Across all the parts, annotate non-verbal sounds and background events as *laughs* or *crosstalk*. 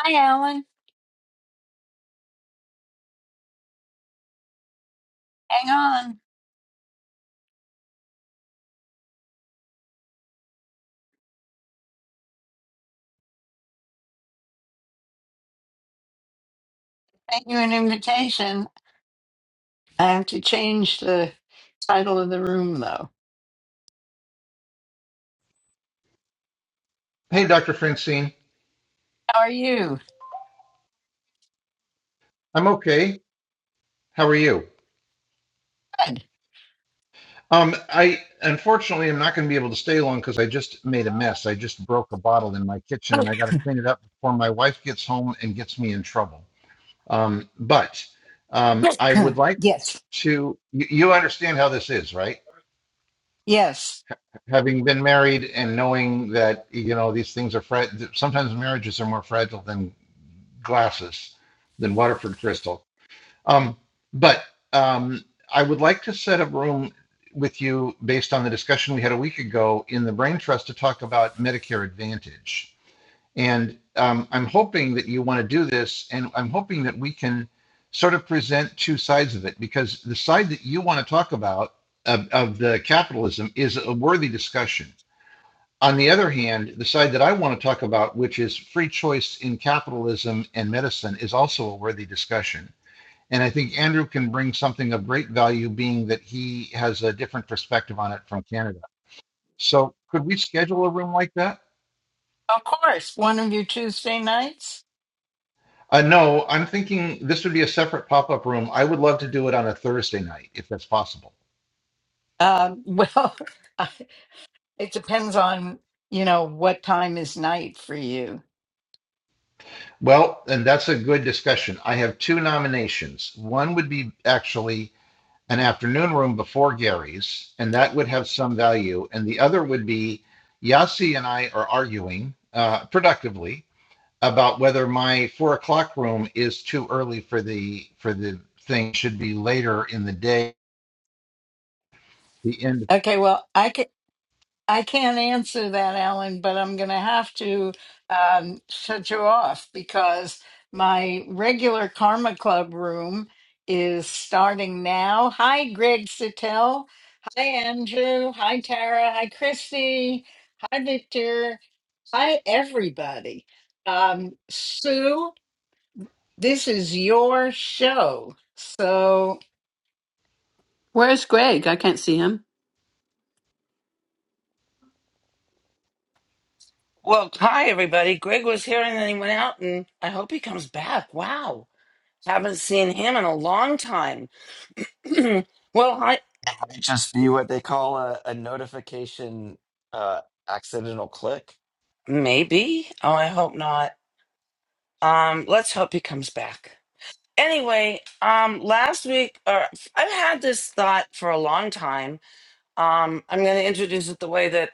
Hi, Alan. Hang on. Thank you an invitation. I have to change the title of the room, though. Hey, Dr. Francine. How are you? I'm okay. How are you? Good. Um, I unfortunately am not going to be able to stay long because I just made a mess. I just broke a bottle in my kitchen Oh, and I got to clean it up before my wife gets home and gets me in trouble. Um, but *clears throat* um, yes. I would like yes. to, you, you understand how this is, right? Yes. Having been married and knowing that, you know, these things are, fra- sometimes marriages are more fragile than glasses, than Waterford crystal. Um, but um, I would like to set a room with you based on the discussion we had a week ago in the Brain Trust to talk about Medicare Advantage. And um, I'm hoping that you want to do this, and I'm hoping that we can sort of present two sides of it because the side that you want to talk about of, of the capitalism is a worthy discussion. On the other hand, the side that I want to talk about, which is free choice in capitalism and medicine, is also a worthy discussion and I think Andrew can bring something of great value, being that he has a different perspective on it from Canada. So, could we schedule a room like that? Of course. One of your Tuesday nights? Uh, no, I'm thinking this would be a separate pop up room. I would love to do it on a Thursday night if that's possible. Um, well, *laughs* it depends on, you know, what time is night for you. Well, and that's a good discussion. I have two nominations. One would be actually an afternoon room before Gary's, and that would have some value. And the other would be Yasi and I are arguing uh, productively about whether my four o'clock room is too early for the for the thing should be later in the day the end Okay. Well, I can. I can't answer that, Alan, but I'm going to have to um, shut you off because my regular Karma Club room is starting now. Hi, Greg Sittel. Hi, Andrew. Hi, Tara. Hi, Christy. Hi, Victor. Hi, everybody. Um, Sue, this is your show. So, Where's Greg? I can't see him. Well, hi everybody. Greg was here and then he went out, and I hope he comes back. Wow, haven't seen him in a long time. *clears throat* well, I It might just be what they call a, a notification uh, accidental click. maybe. Oh, I hope not. Um, let's hope he comes back. Anyway, um, last week, or I've had this thought for a long time. Um, I'm going to introduce it the way that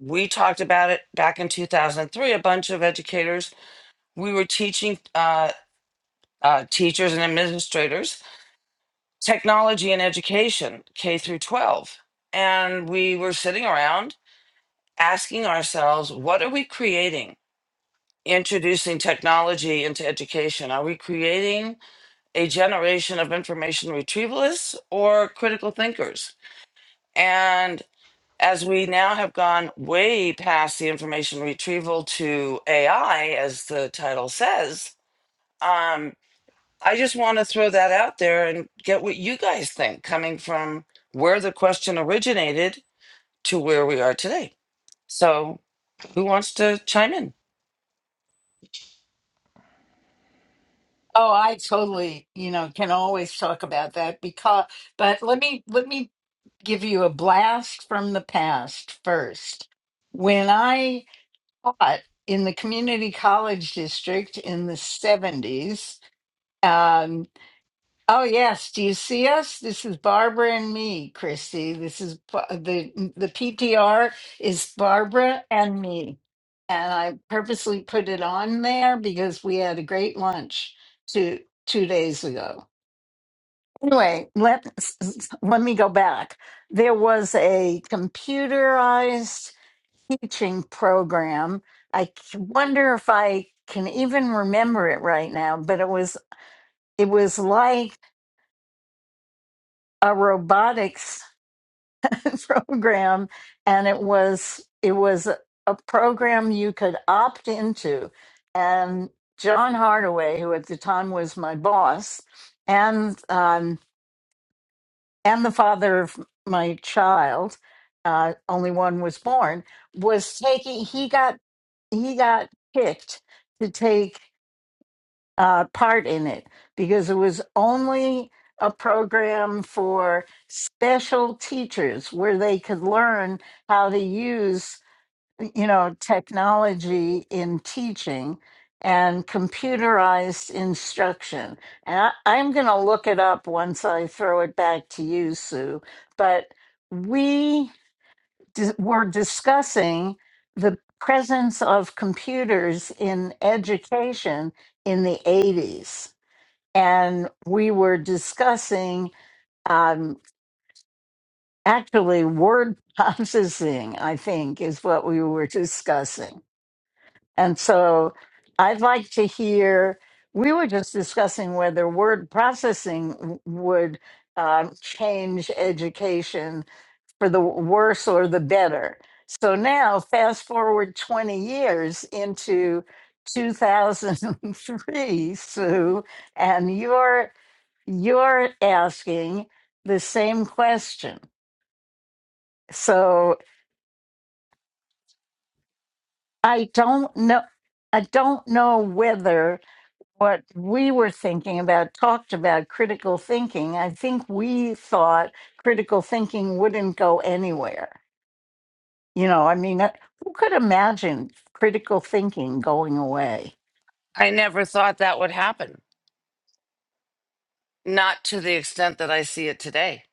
we talked about it back in 2003. A bunch of educators, we were teaching uh, uh, teachers and administrators technology and education, K through 12. And we were sitting around asking ourselves, what are we creating? Introducing technology into education. Are we creating a generation of information retrievalists or critical thinkers? And as we now have gone way past the information retrieval to AI, as the title says, um. I just want to throw that out there and get what you guys think coming from where the question originated to where we are today. So, who wants to chime in? oh, I totally, you know, can always talk about that because, but let me, let me give you a blast from the past first. When I taught in the community college district in the 70s, um, oh, yes, do you see us? This is Barbara and me, Christy. This is Ba- the, the PTR is Barbara and me. And I purposely put it on there because we had a great lunch two, two days ago. Anyway, let let me go back. There was a computerized teaching program. I c- wonder if I can even remember it right now, but it was it was like a robotics *laughs* program, and it was it was a a program you could opt into, and John Hardaway, who at the time was my boss, and um, and the father of my child, uh, only one was born, was taking. He got he got picked to take uh, part in it because it was only a program for special teachers where they could learn how to use you know, technology in teaching and computerized instruction. And I, I'm going to look it up once I throw it back to you, Sue. But we di- were discussing the presence of computers in education in the 80s. And we were discussing um, actually word *laughs* processing, I think, is what we were discussing And so I'd like to hear. We were just discussing whether word processing w- would um, change education for the worse or the better. So now, fast forward 20 years into 2003, Sue, and you're you're asking the same question. So I don't know. I don't know whether what we were thinking about talked about critical thinking i think we thought critical thinking wouldn't go anywhere you know i mean uh, who could imagine critical thinking going away I never thought that would happen, not to the extent that I see it today.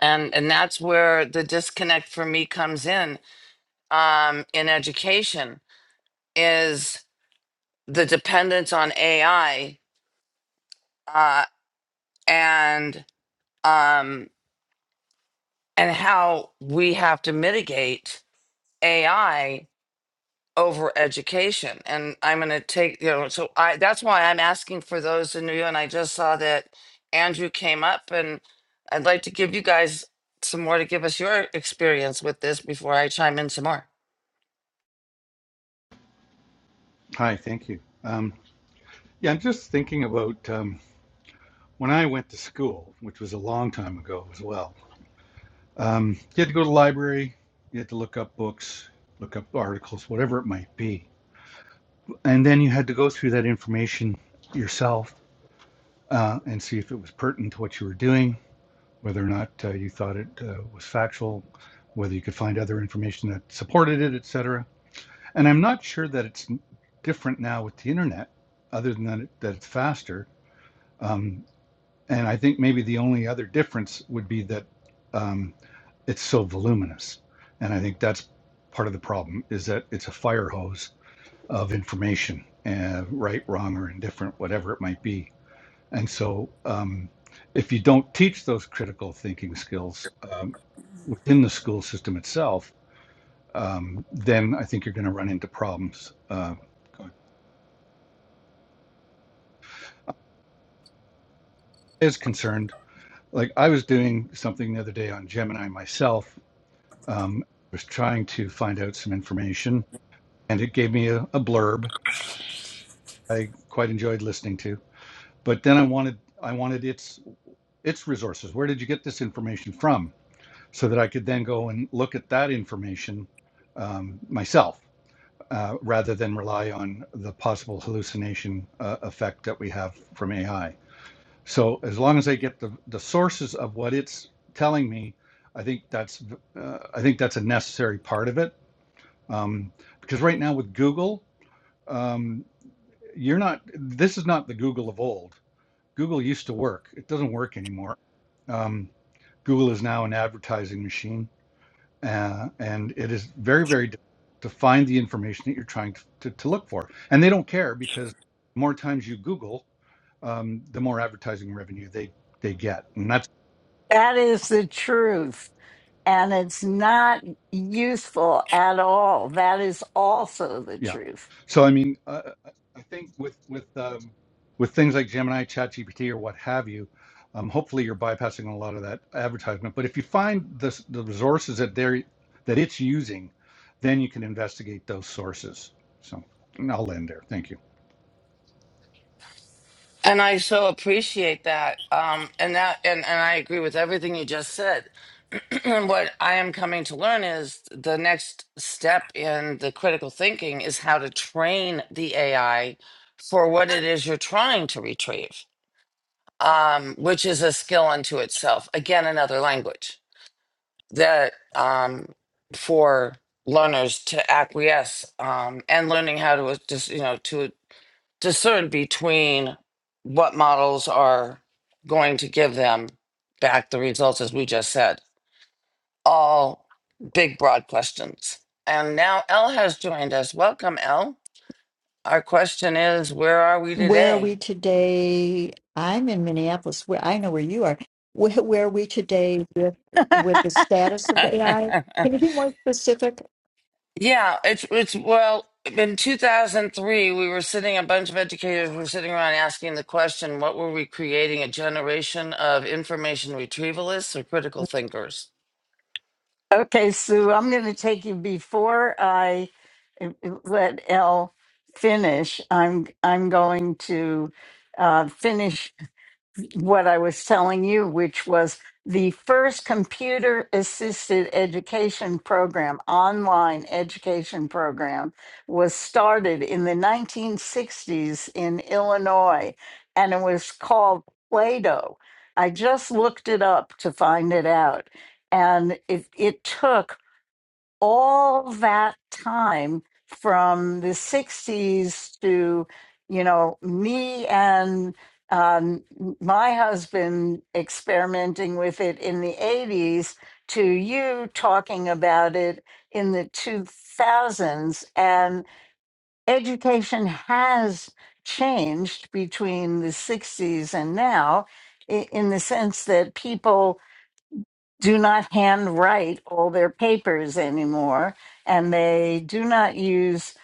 And and that's where the disconnect for me comes in um, in education is the dependence on AI uh, and um, and how we have to mitigate AI over education. And I'm going to take, you know, so I that's why I'm asking for those in you. And I just saw that Andrew came up, and I'd like to give you guys some more to give us your experience with this before I chime in some more. Hi, thank you. Um, yeah, I'm just thinking about um, when I went to school, which was a long time ago as well. Um, you had to go to the library, you had to look up books, look up articles, whatever it might be. And then you had to go through that information yourself uh, and see if it was pertinent to what you were doing, whether or not uh, you thought it uh, was factual, whether you could find other information that supported it, etc. And I'm not sure that it's different now with the internet, other than that, it, that it's faster. Um, And I think maybe the only other difference would be that um, it's so voluminous. And I think that's part of the problem is that it's a fire hose of information, uh, right, wrong, or indifferent, whatever it might be. And so um, if you don't teach those critical thinking skills um, within the school system itself, um, then I think you're going to run into problems. Uh, is concerned, like I was doing something the other day on Gemini myself Um, I was trying to find out some information, and it gave me a, a blurb I quite enjoyed listening to. But then I wanted I wanted its its resources. Where did you get this information from? So that I could then go and look at that information um, myself, uh, rather than rely on the possible hallucination uh, effect that we have from AI. So as long as I get the the sources of what it's telling me, I think that's uh, I think that's a necessary part of it Um, because right now with Google, um, you're not, this is not the Google of old. Google used to work, it doesn't work anymore. Um, Google is now an advertising machine, uh, and it is very, very difficult to find the information that you're trying to, to, to look for. And they don't care because the more times you Google, um, the more advertising revenue they, they get. and that's. that is the truth and it's not useful at all that is also the Yeah. truth So I mean, uh, I think with with um, with things like Gemini, ChatGPT, or what have you, um, hopefully you're bypassing a lot of that advertisement. But if you find the s- the resources that they're that it's using, then you can investigate those sources. So and I'll end there. Thank you. And I so appreciate that. Um, and that, and, and I agree with everything you just said *clears throat* what I am coming to learn is the next step in the critical thinking is how to train the AI for what it is you're trying to retrieve, um, which is a skill unto itself. Again, another language that um, for learners to acquiesce um, and learning how to just you know to discern between what models are going to give them back the results as we just said all big, broad questions. And now Elle has joined us. Welcome, Elle. Our question is, where are we Where are we today? today? I'm in Minneapolis. Where I know where you are. Where, where are we today with with the status *laughs* of AI? Can you be more specific? yeah, it's it's well. In 2003, we were sitting. A bunch of educators were sitting around asking the question, "What were we creating? A generation of information retrievalists or critical thinkers?" Okay, Sue, I'm going to take you before I uh, let Elle finish. I'm I'm going to uh, finish what I was telling you, which was the first computer assisted education program, online education program, was started in the 1960s in Illinois, and it was called Play Doh. I just looked it up to find it out. And it, it took all that time from the 60s to, you know, me and um, my husband experimenting with it in the 80s to you talking about it in the 2000s. And education has changed between the 60s and now i- in the sense that people do not handwrite all their papers anymore, and they do not use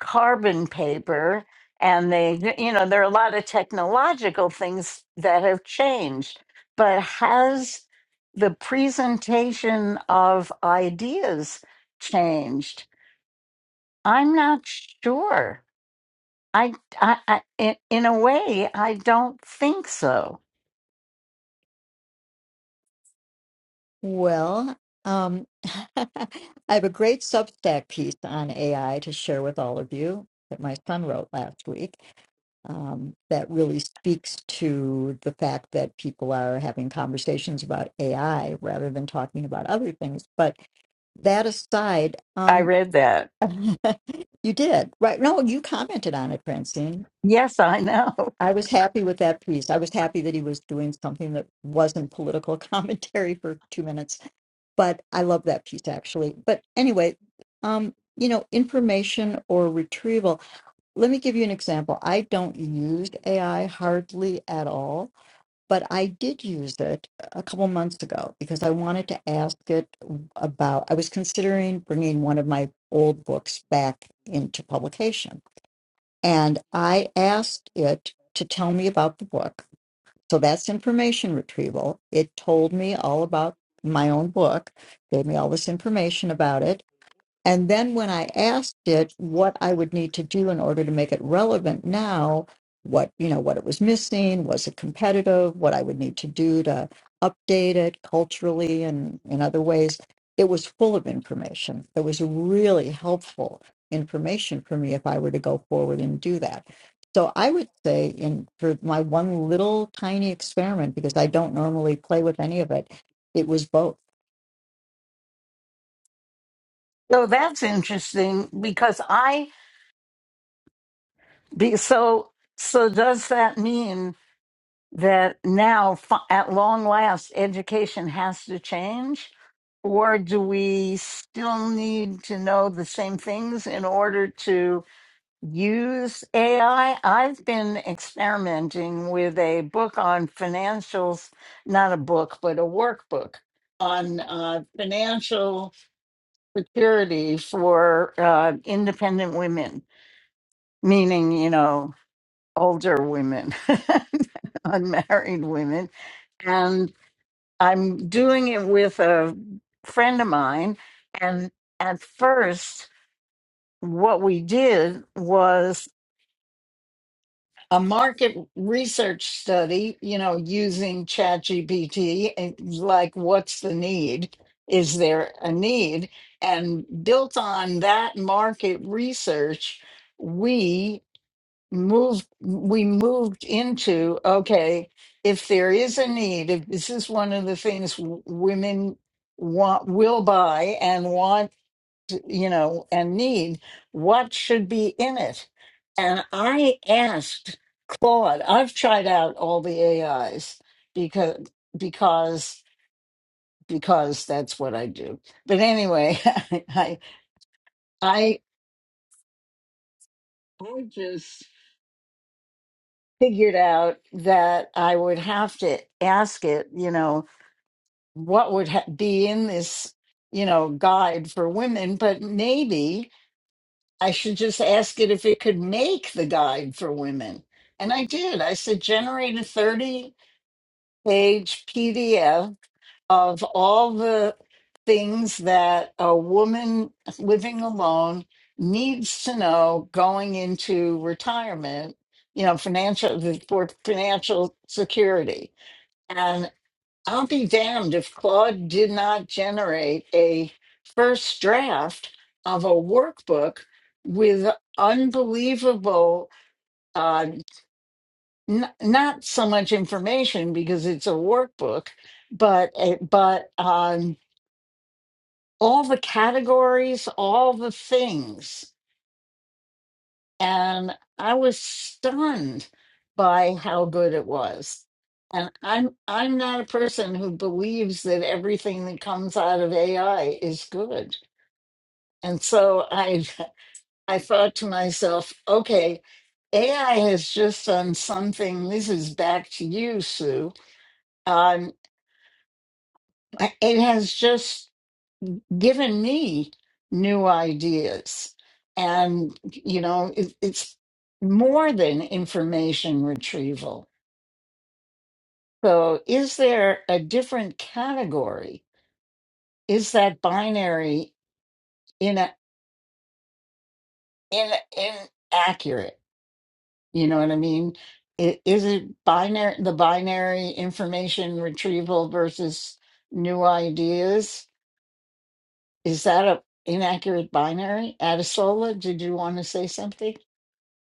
carbon paper. And they, you know, there are a lot of technological things that have changed, but has the presentation of ideas changed? I'm not sure. I, I, I in, in a way, I don't think so. Well, um, *laughs* I have a great Substack piece on AI to share with all of you that my son wrote last week. Um, that really speaks to the fact that people are having conversations about AI rather than talking about other things. But that aside, I um, read that. *laughs* you did, right? No, you commented on it, Francine. Yes, I know. I was happy with that piece. I was happy that he was doing something that wasn't political *laughs* commentary for two minutes, but I love that piece actually. But anyway, um, you know, information or retrieval. Let me give you an example. I don't use AI hardly at all but I did use it a couple months ago because I wanted to ask it about. I was considering bringing one of my old books back into publication, and I asked it to tell me about the book. So that's information retrieval. It told me all about my own book, gave me all this information about it. And then when I asked it what I would need to do in order to make it relevant now, what you know, what it was missing, was it competitive, what I would need to do to update it culturally and in other ways, it was full of information. It was really helpful information for me if I were to go forward and do that. So I would say in for my one little tiny experiment, because I don't normally play with any of it, it was both So that's interesting because I be so so does that mean that now fi- at long last education has to change or do we still need to know the same things in order to use AI? I've been experimenting with a book on financials, not a book, but a workbook on uh, financial security for uh, independent women meaning, you know, older women, *laughs* unmarried women. And I'm doing it with a friend of mine. And at first, what we did was a market research study, you know, using ChatGPT, and like what's the need? Is there a need? And built on that market research, moved we moved into okay if there is a need if this is one of the things w- women want will buy and want you know and need what should be in it and i asked claude i've tried out all the ais because because because that's what i do but anyway *laughs* i i i just figured out that I would have to ask it, you know, what would ha- be in this, you know, guide for women, but maybe I should just ask it if it could make the guide for women. And I did. I said, generate a 30 page PDF of all the things that a woman living alone needs to know going into retirement, you know, financial for financial security. And I'll be damned if Claude did not generate a first draft of a workbook with unbelievable uh, n- not so much information because it's a workbook, but but um all the categories, all the things. And I was stunned by how good it was. And I'm I'm not a person who believes that everything that comes out of AI is good. And so I I thought to myself, okay, AI has just done something. This is back to you, Sue. Um, it has just given me new ideas. And, you know, it, it's more than information retrieval. So, is there a different category? Is that binary in a, in, inaccurate? You know what I mean? I- Is it binary, the binary information retrieval versus new ideas? Is that a inaccurate binary? Adisola, did you want to say something?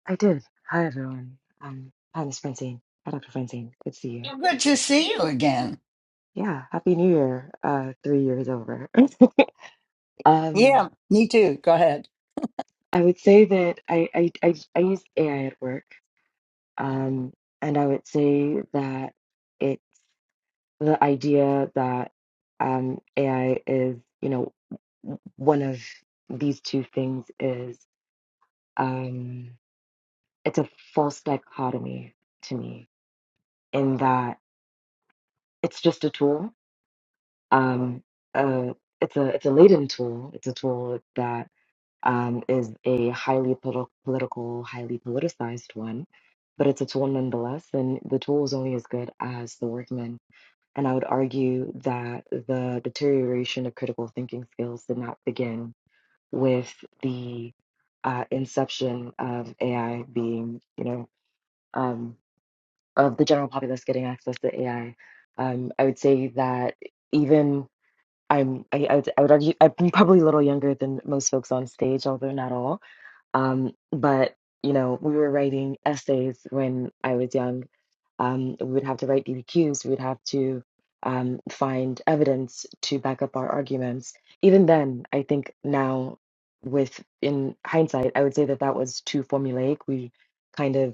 I did. Hi, everyone. Um, hi, Miss Francine. Hi, Dr. Francine. Good to see you. Good to see you again. Yeah, Happy New Year. Uh, three years over. *laughs* um, Yeah, me too. Go ahead. I would say that I, I, I, I use AI at work. Um, and I would say that it's the idea that um, AI is, you know, w- one of these two things is um, it's a false dichotomy to me in that it's just a tool um, uh, it's a it's a laden tool. It's a tool that um, is a highly poli- political, highly politicized one, but it's a tool nonetheless. And the tool is only as good as the workman. And I would argue that the deterioration of critical thinking skills did not begin with the uh, inception of AI being, you know, um, of the general populace getting access to AI. Um, I would say that even I'm I, I would I would argue I'm probably a little younger than most folks on stage, although not all. Um, but you know, we were writing essays when I was young. Um, we would have to write BBQs. We would have to um, find evidence to back up our arguments. Even then, I think now, with in hindsight, I would say that that was too formulaic. We kind of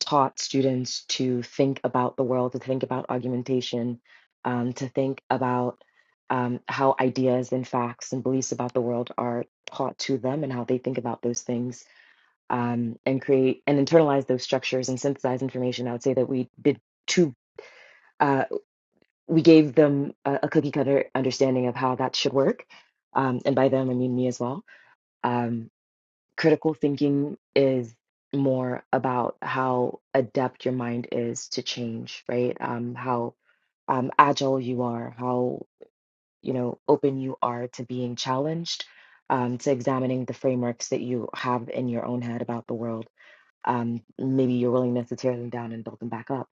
taught students to think about the world, to think about argumentation, um, to think about um, how ideas and facts and beliefs about the world are taught to them and how they think about those things um, and create and internalize those structures and synthesize information. I would say that we did two. Uh, we gave them a, a cookie cutter understanding of how that should work. Um, and by them, I mean me as well. Um critical thinking is more about how adept your mind is to change, right? Um, how um, agile you are, how you know open you are to being challenged, um, to examining the frameworks that you have in your own head about the world. Um, maybe your willingness to tear them down and build them back up.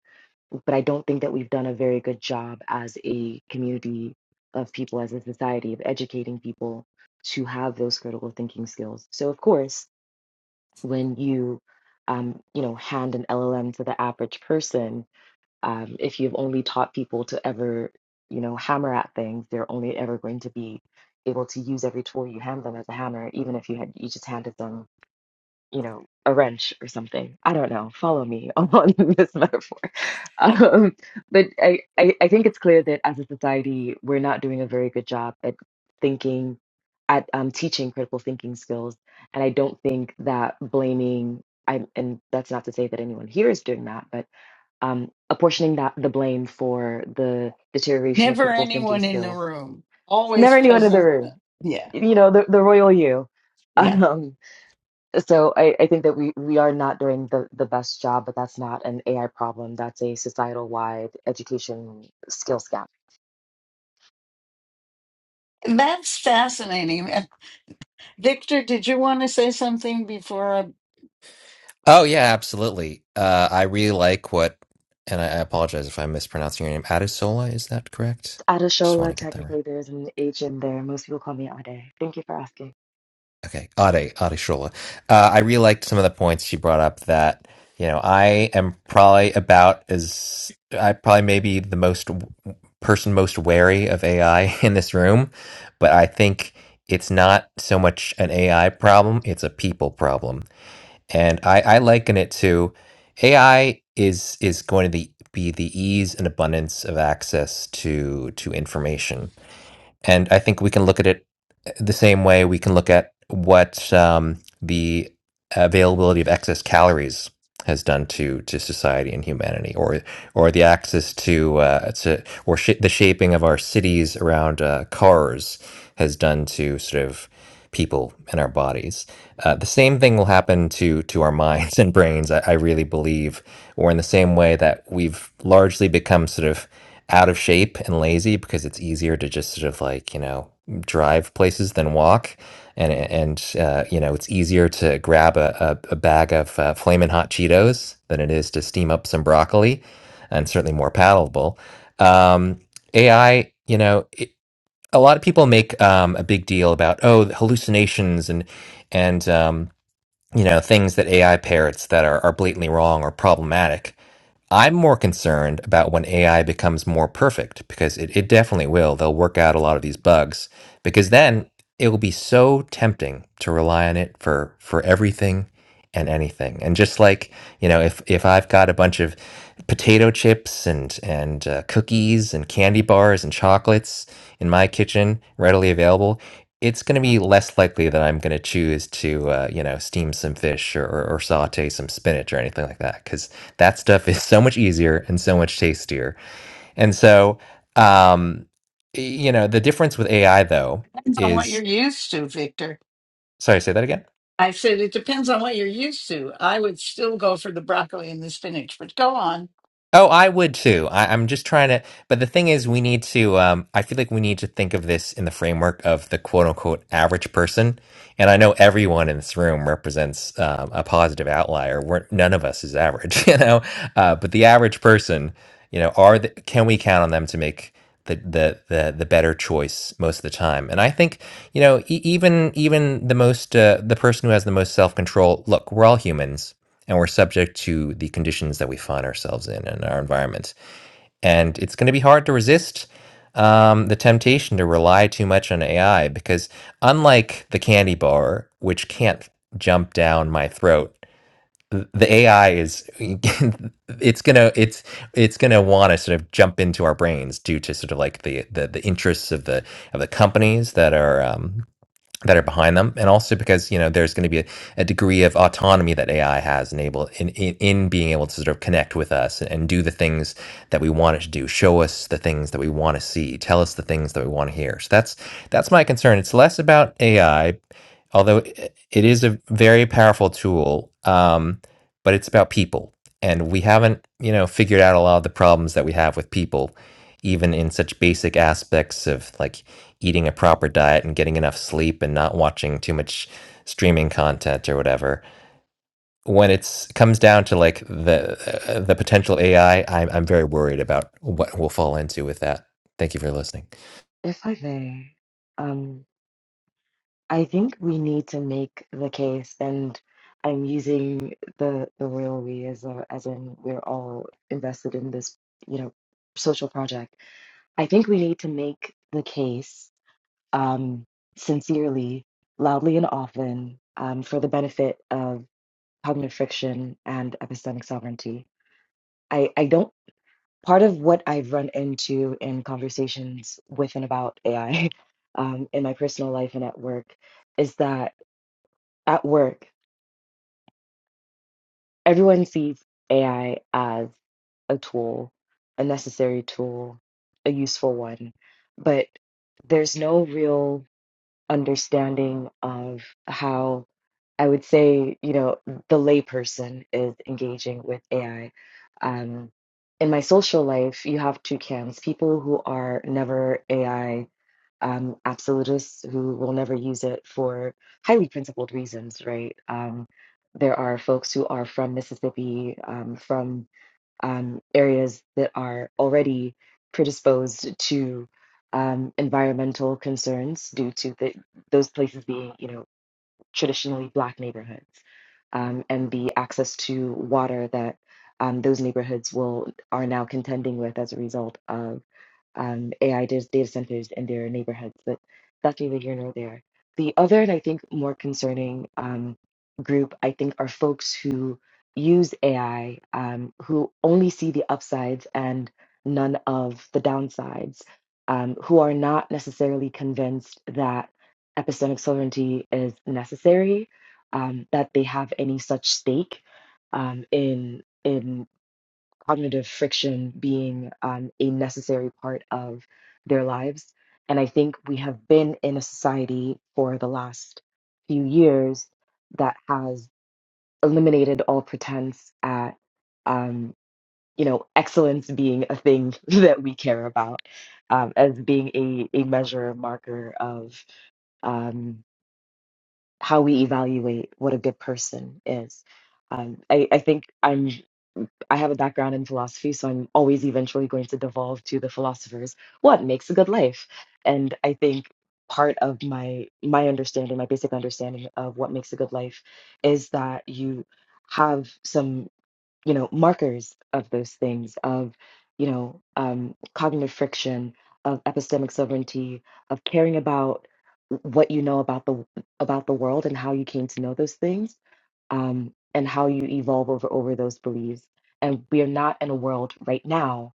But I don't think that we've done a very good job as a community of people, as a society, of educating people to have those critical thinking skills. So, of course, when you um, you know hand an llm to the average person um, if you've only taught people to ever you know hammer at things they're only ever going to be able to use every tool you hand them as a hammer even if you had you just handed them you know a wrench or something i don't know follow me *laughs* on this metaphor um, *laughs* but I, I, I think it's clear that as a society, we're not doing a very good job at thinking, at um, teaching critical thinking skills. And I don't think that blaming, I, and that's not to say that anyone here is doing that, but um, apportioning that the blame for the deterioration of Never critical thinking anyone in the skills. room, always Never anyone in the present. Uh, room, Yeah, you know, the, the royal you. yeah. *laughs* So I, I think that we, we are not doing the, the best job, but that's not an AI problem. That's a societal wide education skills gap. That's fascinating. Uh, Victor, did you want to say something before? I... Oh yeah, absolutely. Uh, I really like what, and I, I apologize if I'm mispronouncing your name. Adesola, is that correct? Just want Adeshola, to get that right. technically there's an H in there. Most people call me Ade. Thank you for asking. Okay, Ade Adeshola. Uh, I really liked some of the points she brought up. That you know, I am probably about as I probably maybe the most w- person most wary of AI *laughs* in this room, but I think it's not so much an AI problem; it's a people problem And I, I liken it to AI is is going to be, be the ease and abundance of access to to information. And I think we can look at it uh, the same way we can look at what um, the availability of excess calories has done to to society and humanity, or or the access to uh, to or sh- the shaping of our cities around uh, cars has done to sort of people and our bodies. Uh, the same thing will happen to to our *laughs* minds and brains. I, I really believe, or in the same way that we've largely become sort of out of shape and lazy because it's easier to just sort of like, you know, drive places than walk. And, and uh, you know, it's easier to grab a, a, a bag of uh, flaming hot Cheetos than it is to steam up some broccoli and certainly more palatable. Um, AI, you know, it, a lot of people make um, a big deal about, oh, the hallucinations and, and, um, you know, things that AI parrots that are, are blatantly wrong or problematic. I'm more concerned about when AI becomes more perfect because it, it definitely will. They'll work out a lot of these bugs because then it will be so tempting to rely on it for for everything and anything. And just like, you know, if if I've got a bunch of potato chips and and uh, cookies and candy bars and chocolates in my kitchen readily available, it's going to be less likely that I'm going to choose to, uh, you know, steam some fish or, or, or saute some spinach or anything like that, because that stuff is so much easier and so much tastier. And so, um, y- you know, the difference with AI though Depends on what is, you're used to, Victor. sorry, say that again. I said it depends on what you're used to. I would still go for the broccoli and the spinach, but go on. Oh, I would too. I, I'm just trying to. But the thing is, we need to, um, I feel like we need to think of this in the framework of the quote unquote average person. And I know everyone in this room represents um, a positive outlier. We're, none of us is average, *laughs* you know? Uh, but the average person, you know, are the, can we count on them to make the, the, the, the better choice most of the time? And I think, you know, e- even, even the most, uh, the person who has the most self control, look, we're all humans and we're subject to the conditions that we find ourselves in and our environment and it's going to be hard to resist um, the temptation to rely too much on AI because, unlike the candy bar, which can't jump down my throat, the AI is *laughs* it's gonna it's it's gonna want to sort of jump into our brains due to sort of like the the, the interests of the of the companies that are um, that are behind them, and also because you know there's going to be a, a degree of autonomy that AI has enabled in, in in being able to sort of connect with us and do the things that we want it to do, show us the things that we want to see, tell us the things that we want to hear. So that's that's my concern. It's less about AI although it is a very powerful tool, um, but it's about people, and we haven't, you know, figured out a lot of the problems that we have with people, even in such basic aspects of like eating a proper diet and getting enough sleep and not watching too much streaming content or whatever. When it comes down to like the uh, the potential AI, am I'm I'm very worried about what we'll fall into with that. Thank you for listening. If I may, um, I think we need to make the case, and I'm using the the real we as a, as in we're all invested in this, you know, social project. I think we need to make the case um, sincerely, loudly, and often um, for the benefit of cognitive friction and epistemic sovereignty. I, I don't, part of what I've run into in conversations with and about AI *laughs* um, in my personal life and at work is that at work, everyone sees AI as a tool, a necessary tool, a useful one, but there's no real understanding of how I would say, you know, the layperson is engaging with AI. Um, in my social life, you have two camps people who are never AI um, absolutists who will never use it for highly principled reasons, right? Um, there are folks who are from Mississippi, um, from um, areas that are already predisposed to um, environmental concerns due to the, those places being, you know, traditionally black neighborhoods, um, and the access to water that um, those neighborhoods will are now contending with as a result of um, AI data, data centers in their neighborhoods, but that's neither here nor there. The other, and I think more concerning um, group, I think, are folks who use AI um, who only see the upsides and none of the downsides, um, who are not necessarily convinced that epistemic sovereignty is necessary, um, that they have any such stake um, in. in cognitive friction being um, a necessary part of their lives. And I think we have been in a society for the last few years that has eliminated all pretense at, um, you know, excellence being a thing *laughs* that we care about um, as being a, a measure, a marker of um, how we evaluate what a good person is. Um, I, I think I'm I have a background in philosophy, so I'm always eventually going to devolve to the philosophers. What makes a good life? And I think part of my my understanding, my basic understanding of what makes a good life is that you have some you know markers of those things of you know um, cognitive friction of epistemic sovereignty of caring about what you know about the about the world and how you came to know those things um, and how you evolve over over those beliefs and we are not in a world right now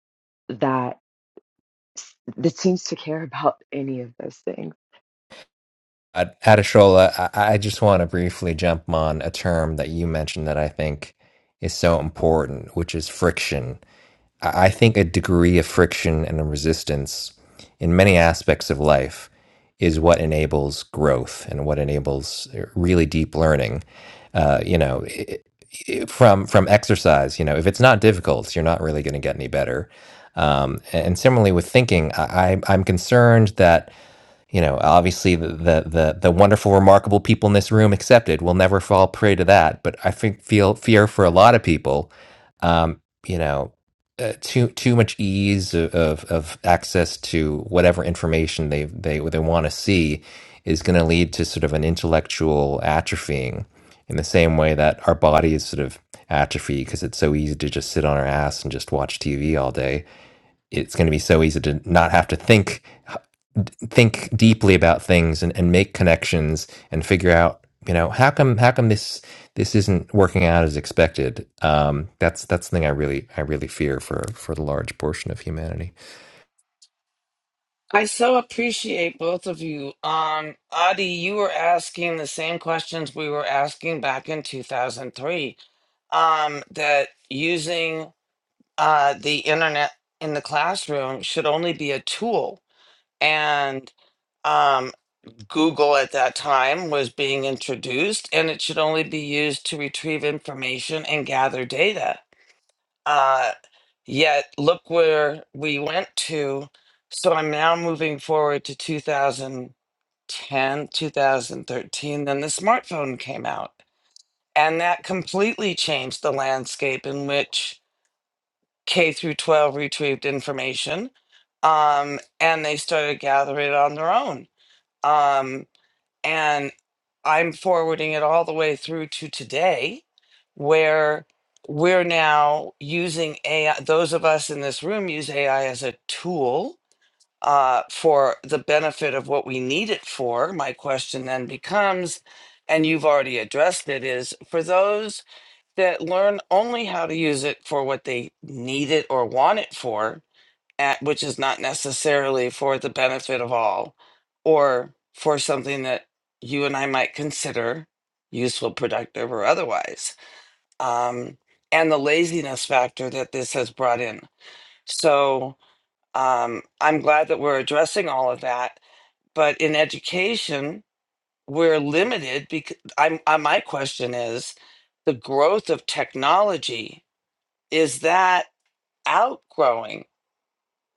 that s- that seems to care *laughs* about any of those things Uh, Adishola, I, I just want to briefly jump on a term that you mentioned that I think is so important, which is friction. I, I think a degree of friction and a resistance in many aspects of life is what enables growth and what enables uh, really deep learning. Uh, you know, i i from from exercise, you know, if it's not difficult, you're not really going to get any better. Um, and similarly with thinking, I, I- I'm concerned that you know, obviously the, the the the wonderful, remarkable people in this room accepted will never fall prey to that. But I think feel fear for a lot of people, um, you know, uh, too too much ease of, of of access to whatever information they they they want to see is going to lead to sort of an intellectual atrophying, in the same way that our bodies sort of atrophy because it's so easy to just sit on our ass and just watch TV all day it's going to be so easy to not have to think think deeply about things and, and make connections and figure out you know how come how come this this isn't working out as expected um that's that's the thing i really i really fear for for the large portion of humanity I so appreciate both of you. Um, Adi, you were asking the same questions we were asking back in 2003 um, that using uh, the internet in the classroom should only be a tool. And um, Google at that time was being introduced, and it should only be used to retrieve information and gather data. Uh, yet, look where we went to. So I'm now moving forward to 2010, 2013. Then the smartphone came out, and that completely changed the landscape in which K through 12 retrieved information um, and they started gathering it on their own. Um, and I'm forwarding it all the way through to today, where we're now using AI. Those of us in this room use AI as a tool uh, for the benefit of what we need it for. My question then becomes, and you've already addressed it, is for those that learn only how to use it for what they need it or want it for, at, which is not necessarily for the benefit of all or for something that you and I might consider useful, productive, or otherwise. Um, and the laziness factor that this has brought in. So um, I'm glad that we're addressing all of that. But in education, we're limited because I'm, I, my question is the growth of technology is that outgrowing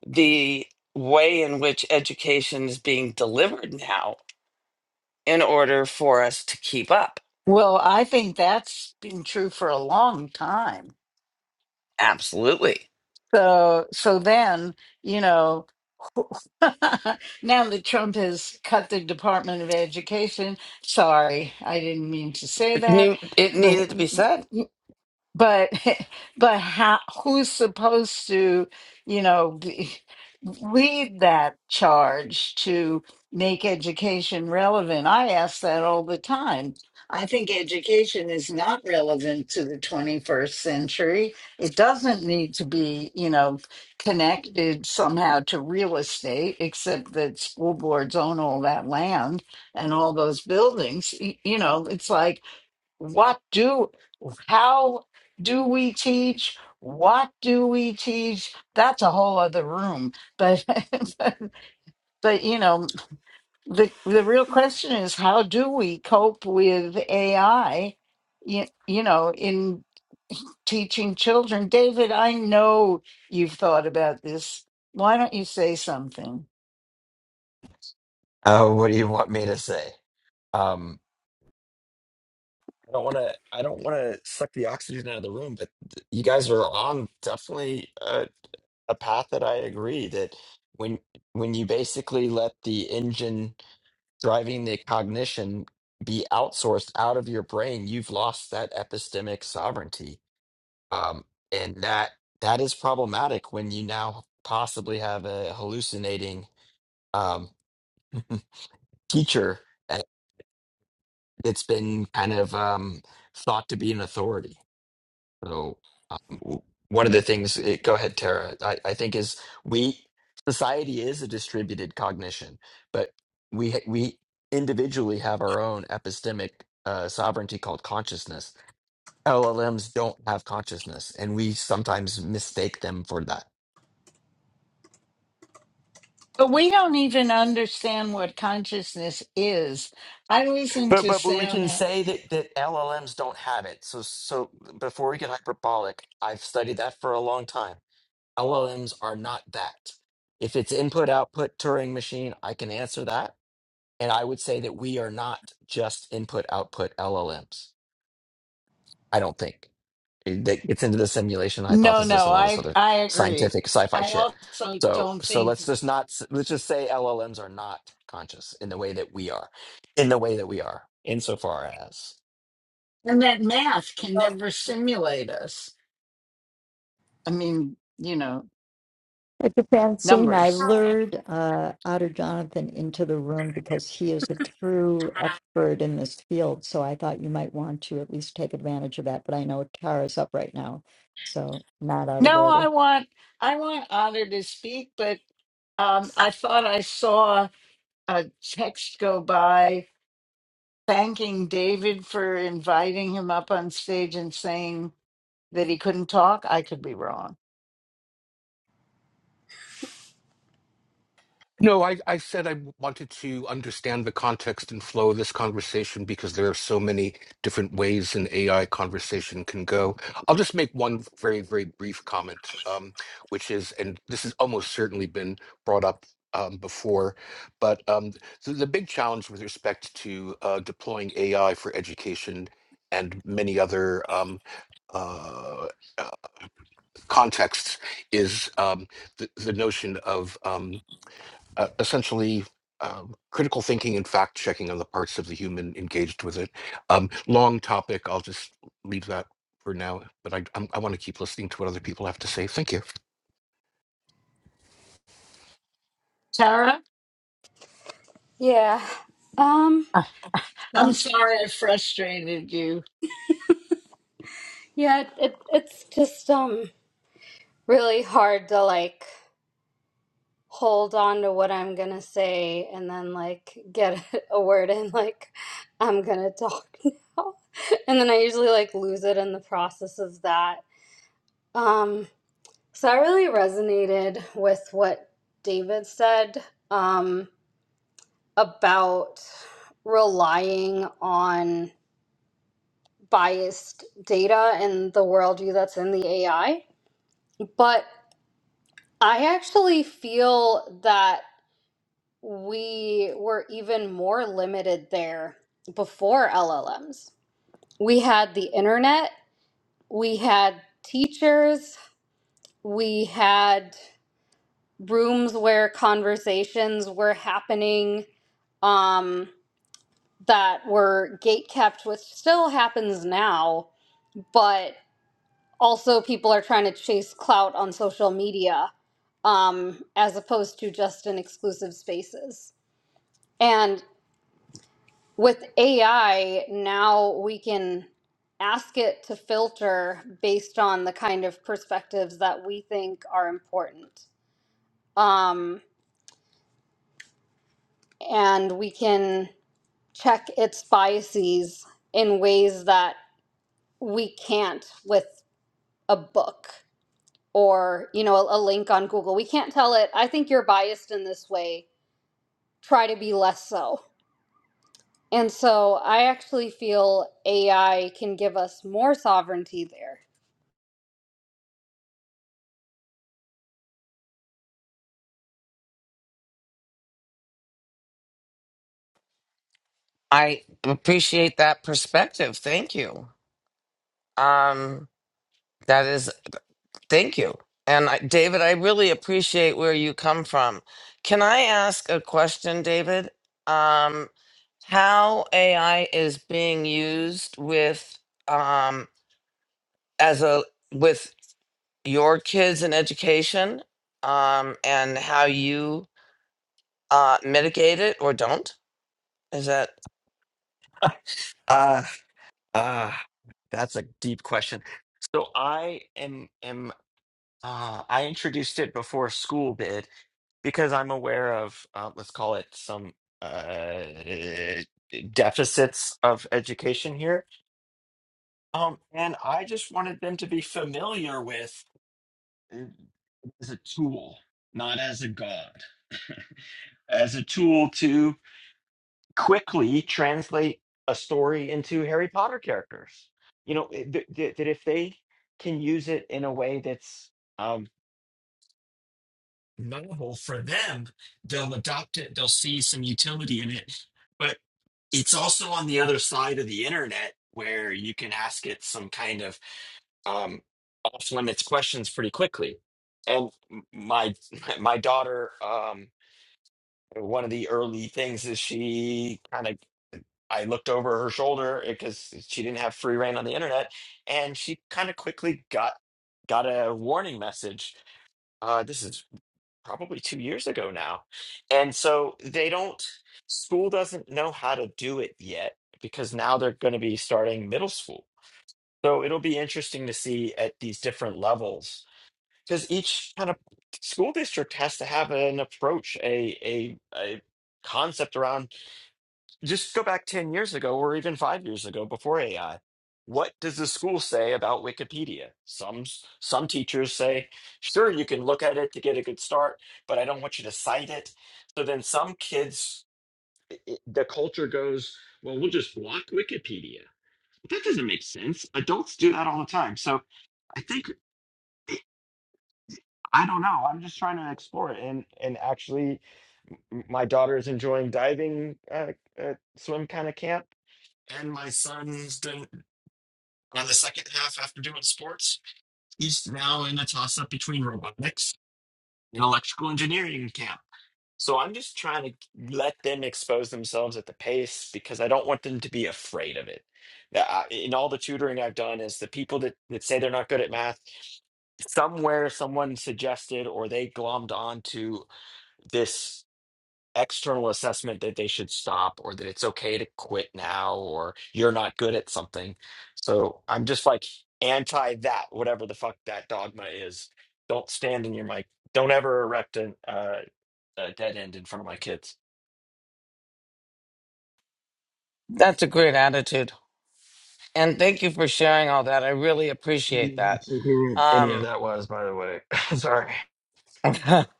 the way in which education is being delivered now in order for us to keep up? Well, I think that's been true for a long time. Absolutely. So, so then, you know. *laughs* now that Trump has cut the Department of Education, sorry, I didn't mean to say It that, knew- it but needed to be said. but *laughs* but how who's supposed to you know be, lead that charge to make education relevant i ask that all the time i think education is not relevant to the 21st century it doesn't need to be you know connected somehow to real estate except that school boards own all that land and all those buildings Y- you know it's like what do how do we teach what do we teach that's a whole other room but *laughs* but, you know the the real question is how do we cope with ai you, you know in teaching children david i know you've thought about this why don't you say something Oh, what do you want me to say? Um, I don't want to. I don't want to suck the oxygen out of the room. But th- you guys are on definitely a, a path that I agree that when when you basically let the engine driving the cognition be outsourced out of your brain, you've lost that epistemic sovereignty Um, and that that is problematic when you now possibly have a hallucinating um, *laughs* teacher that- that's been kind of um, thought to be an authority. So um, w- one of the things, it, go ahead, Tara. I, I think is we society is a distributed cognition, but we ha- we individually have our own epistemic uh, sovereignty called consciousness. LLMs don't have consciousness, and we sometimes mistake them for that. but we don't even understand what consciousness is i listened But, to but but we can sam say that that LLMs don't have it. So so before we get hyperbolic, I've studied that for a long time. LLMs are not that. If it's input output Turing machine, I can answer that, and I would say that we are not just input output LLMs. I don't think It- that gets into the simulation No, hypothesis no, and all this I other I agree. scientific sci-fi I shit. also So don't so let's think, just not s- let's just say LLMs are not conscious in the way that we are, in the way that we are, insofar as. and that math can never simulate us. I mean, you know, Dr. Francine, I numbers. lured uh, Otter Jonathan into the room because he is a true expert in this field. So I thought you might want to at least take advantage of that. But I know Tara's up right now, so not out of No, order. I want I want Otter to speak, but um, I thought I saw a text go by thanking David for inviting him up on stage and saying that he couldn't talk. I could be wrong. No, I, I said I wanted to understand the context and flow of this conversation because there are so many different ways an AI conversation can go. I'll just make one very, very brief comment, um, which is, and this has almost certainly been brought up um, before, but um, the, the big challenge with respect to uh, deploying AI for education and many other um, uh, uh, contexts is um, the, the notion of um, uh, essentially um, critical thinking and fact checking on the parts of the human engaged with it. Um, long topic. I'll just leave that for now. But I I'm, I want to keep listening to what other people have to say. Thank you. Tara? Yeah. Um I'm sorry I frustrated you. yeah, it, it it's just um really hard to like hold on to what I'm going to say and then like get *laughs* a word in like I'm going to talk now. *laughs* And then I usually like lose it in the process of that. Um so I really resonated with what David said um about relying on biased data and the worldview that's in the AI. But I actually feel that we were even more limited there before LLMs. We had the internet, we had teachers, we had rooms where conversations were happening um, that were gatekept, which still happens now. But also people are trying to chase clout on social media um, as opposed to just in exclusive spaces. And with AI, now we can ask it to filter based on the kind of perspectives that we think are important. Um, and we can check its biases in ways that we can't with a book or you know a, a link on google we can't tell it i think you're biased in this way try to be less so and so i actually feel ai can give us more sovereignty there I appreciate that perspective. Thank you. Um, that is, thank you. And I, David, I really appreciate where you come from. Can I ask a question, David? Um, how AI is being used with um, as a with your kids and education um and how you uh mitigate it or don't is that *laughs* Uh, uh, that's a deep question. So I am am uh, I introduced it before school did because I'm aware of uh, let's call it some uh, deficits of education here, um, and I just wanted them to be familiar with it as a tool, not as a god, *laughs* as a tool to. quickly translate a story into Harry Potter characters. You know, it- that that- that if they can use it in a way that's um, novel for them, they'll adopt it. They'll see some utility in it. But it's also on the other side of the internet where you can ask it some kind of um, off limits questions pretty quickly. And m- my *laughs* my daughter, um, one of the early things is she kind of I looked over her shoulder because she didn't have free reign on the internet, and she kind of quickly got got a warning message. Uh, this is probably two years ago now, and so they don't. School doesn't know how to do it yet because now they're going to be starting middle school. So it'll be interesting to see at these different levels because each kind of school district has to have an approach, a a a concept around just go back 10 years ago or even five years ago before AI. What does the school say about Wikipedia? Some some teachers say, sure, you can look at it to get a good start, but I don't want you to cite it. So then some kids, it- the culture goes, well, we'll just block Wikipedia. That doesn't make sense. Adults do that all the time. So I think, I don't know. I'm just trying to explore it. And, and actually, m- my daughter is enjoying diving uh, uh, swim kind of camp and my son's doing. And On the second half, after doing sports, he's now in a toss up between robotics and electrical engineering camp. So I'm just trying to let them expose themselves at the pace because I don't want them to be afraid of it. The- I- In all the tutoring I've done, is the people that, that say they're not good at math, somewhere someone suggested or they glommed onto this external assessment that they should stop or that it's okay to quit now or you're not good at something. So I'm just like anti that, whatever the fuck that dogma is. Don't stand in your mic. Don't ever erect an, uh, a dead end in front of my kids. that's a great attitude and thank you for sharing all that i really I don't appreciate know that how coherent Any of um that was, by the way. *laughs* Sorry. *laughs* uh-huh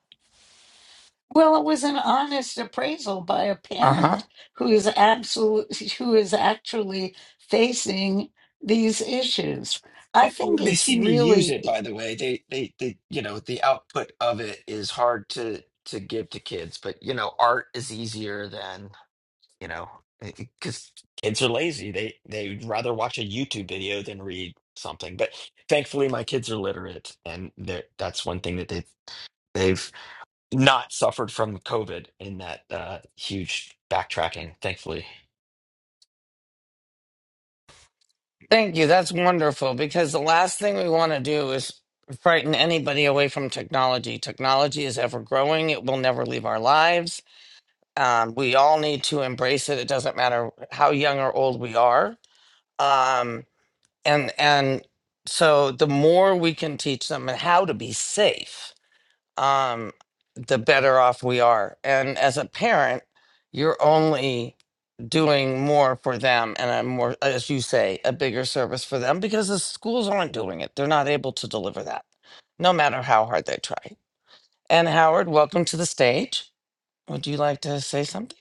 Well, it was an honest appraisal by a parent who is absolute, who is actually facing these issues. I Oh, oh, think they it's see me use really it, by the way. They, they, they, you know, the output of it is hard to to give to kids, but you know, art is easier than you know, because Kids are lazy. They they'd rather watch a YouTube video than read something. But thankfully, my kids are literate, and they're- that's one thing that they've they've not suffered from COVID in that uh, huge backtracking. Thankfully, thank you that's wonderful because the last thing we want to do is frighten anybody away from technology technology is ever growing it will never leave our lives um, we all need to embrace it it doesn't matter how young or old we are um and and so the more we can teach them and how to be safe um the better off we are and as a parent you're only doing more for them and a more as you say a bigger service for them because the schools aren't doing it they're not able to deliver that no matter how hard they try and howard welcome to the stage would you like to say something?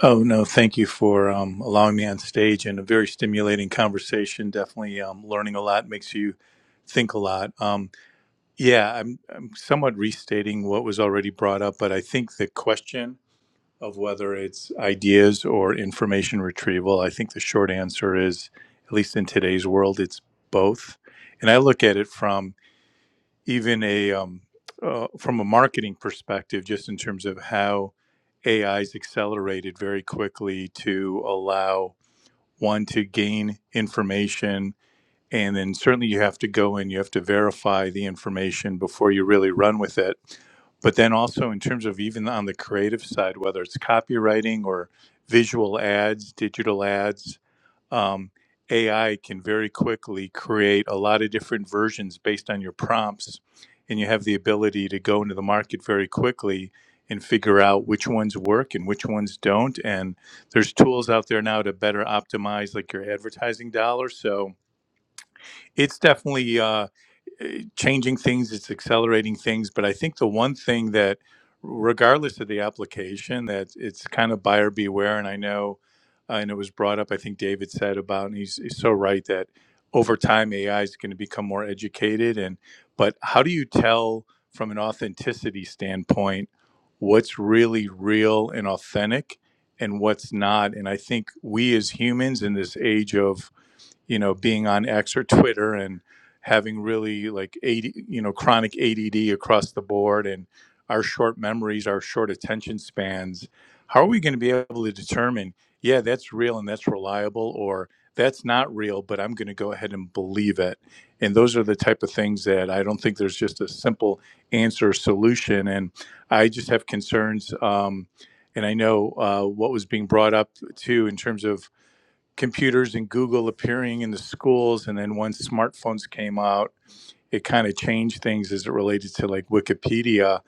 Oh, no, thank you for um, allowing me on stage and a very stimulating conversation. Definitely um, learning a lot makes you think a lot. Um, yeah, I'm, I'm somewhat restating what was already brought up, but I think the question of whether it's ideas or information retrieval, I think the short answer is, at least in today's world, it's both. And I look at it from even a um, uh, from a marketing perspective, just in terms of how AI is accelerated very quickly to allow one to gain information, and then certainly you have to go in, you have to verify the information before you really run with it. But then also in terms of even on the creative side, whether it's copywriting or visual ads, digital ads, um, AI can very quickly create a lot of different versions based on your prompts, and you have the ability to go into the market very quickly and figure out which ones work and which ones don't. And there's tools out there now to better optimize like your advertising dollars. So it's definitely. Uh, eh, changing things, it's accelerating things. But I think the one thing that, regardless of the application, that it's kind of buyer beware. And I know, uh, and it was brought up, I think David said about, and he's, he's so right that over time AI is going to become more educated. And, but how do you tell from an authenticity standpoint what's really real and authentic? And what's not. And I think we as humans in this age of you know, being on X or Twitter and having really like 80, you know, chronic ADD across the board and our short memories, our short attention spans, how are we going to be able to determine, yeah, that's real and that's reliable or that's not real, but I'm going to go ahead and believe it. And those are the type of things that I don't think there's just a simple answer or solution. And I just have concerns. Um, and I know uh, what was being brought up too in terms of computers and Google appearing in the schools. And then once smartphones came out, it kind of changed things as it related to like Wikipedia.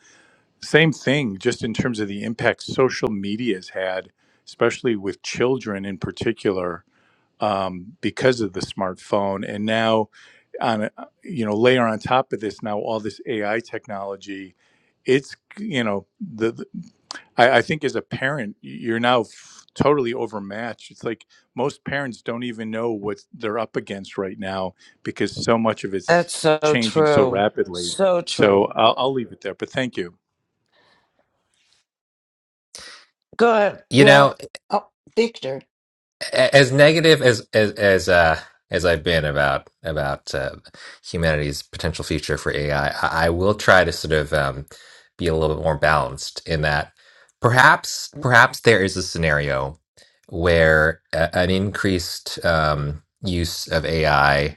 Same thing, just in terms of the impact social media has had, especially with children in particular um, because of the smartphone. And now, on a, you know, layer on top of this, now all this AI technology, it's you know the, the I, I think as a parent, you're now f- totally overmatched. It's like most parents don't even know what they're up against right now because so much of it's That's so changing so true. rapidly. So So true. I'll, I'll leave it there. But thank you. Go you know well, oh, Victor, as negative as as as uh as I've been about about uh, humanity's potential future for AI, I, I, I will try to sort of um, be a little bit more balanced in that perhaps perhaps there is a scenario where a, an increased um, use of AI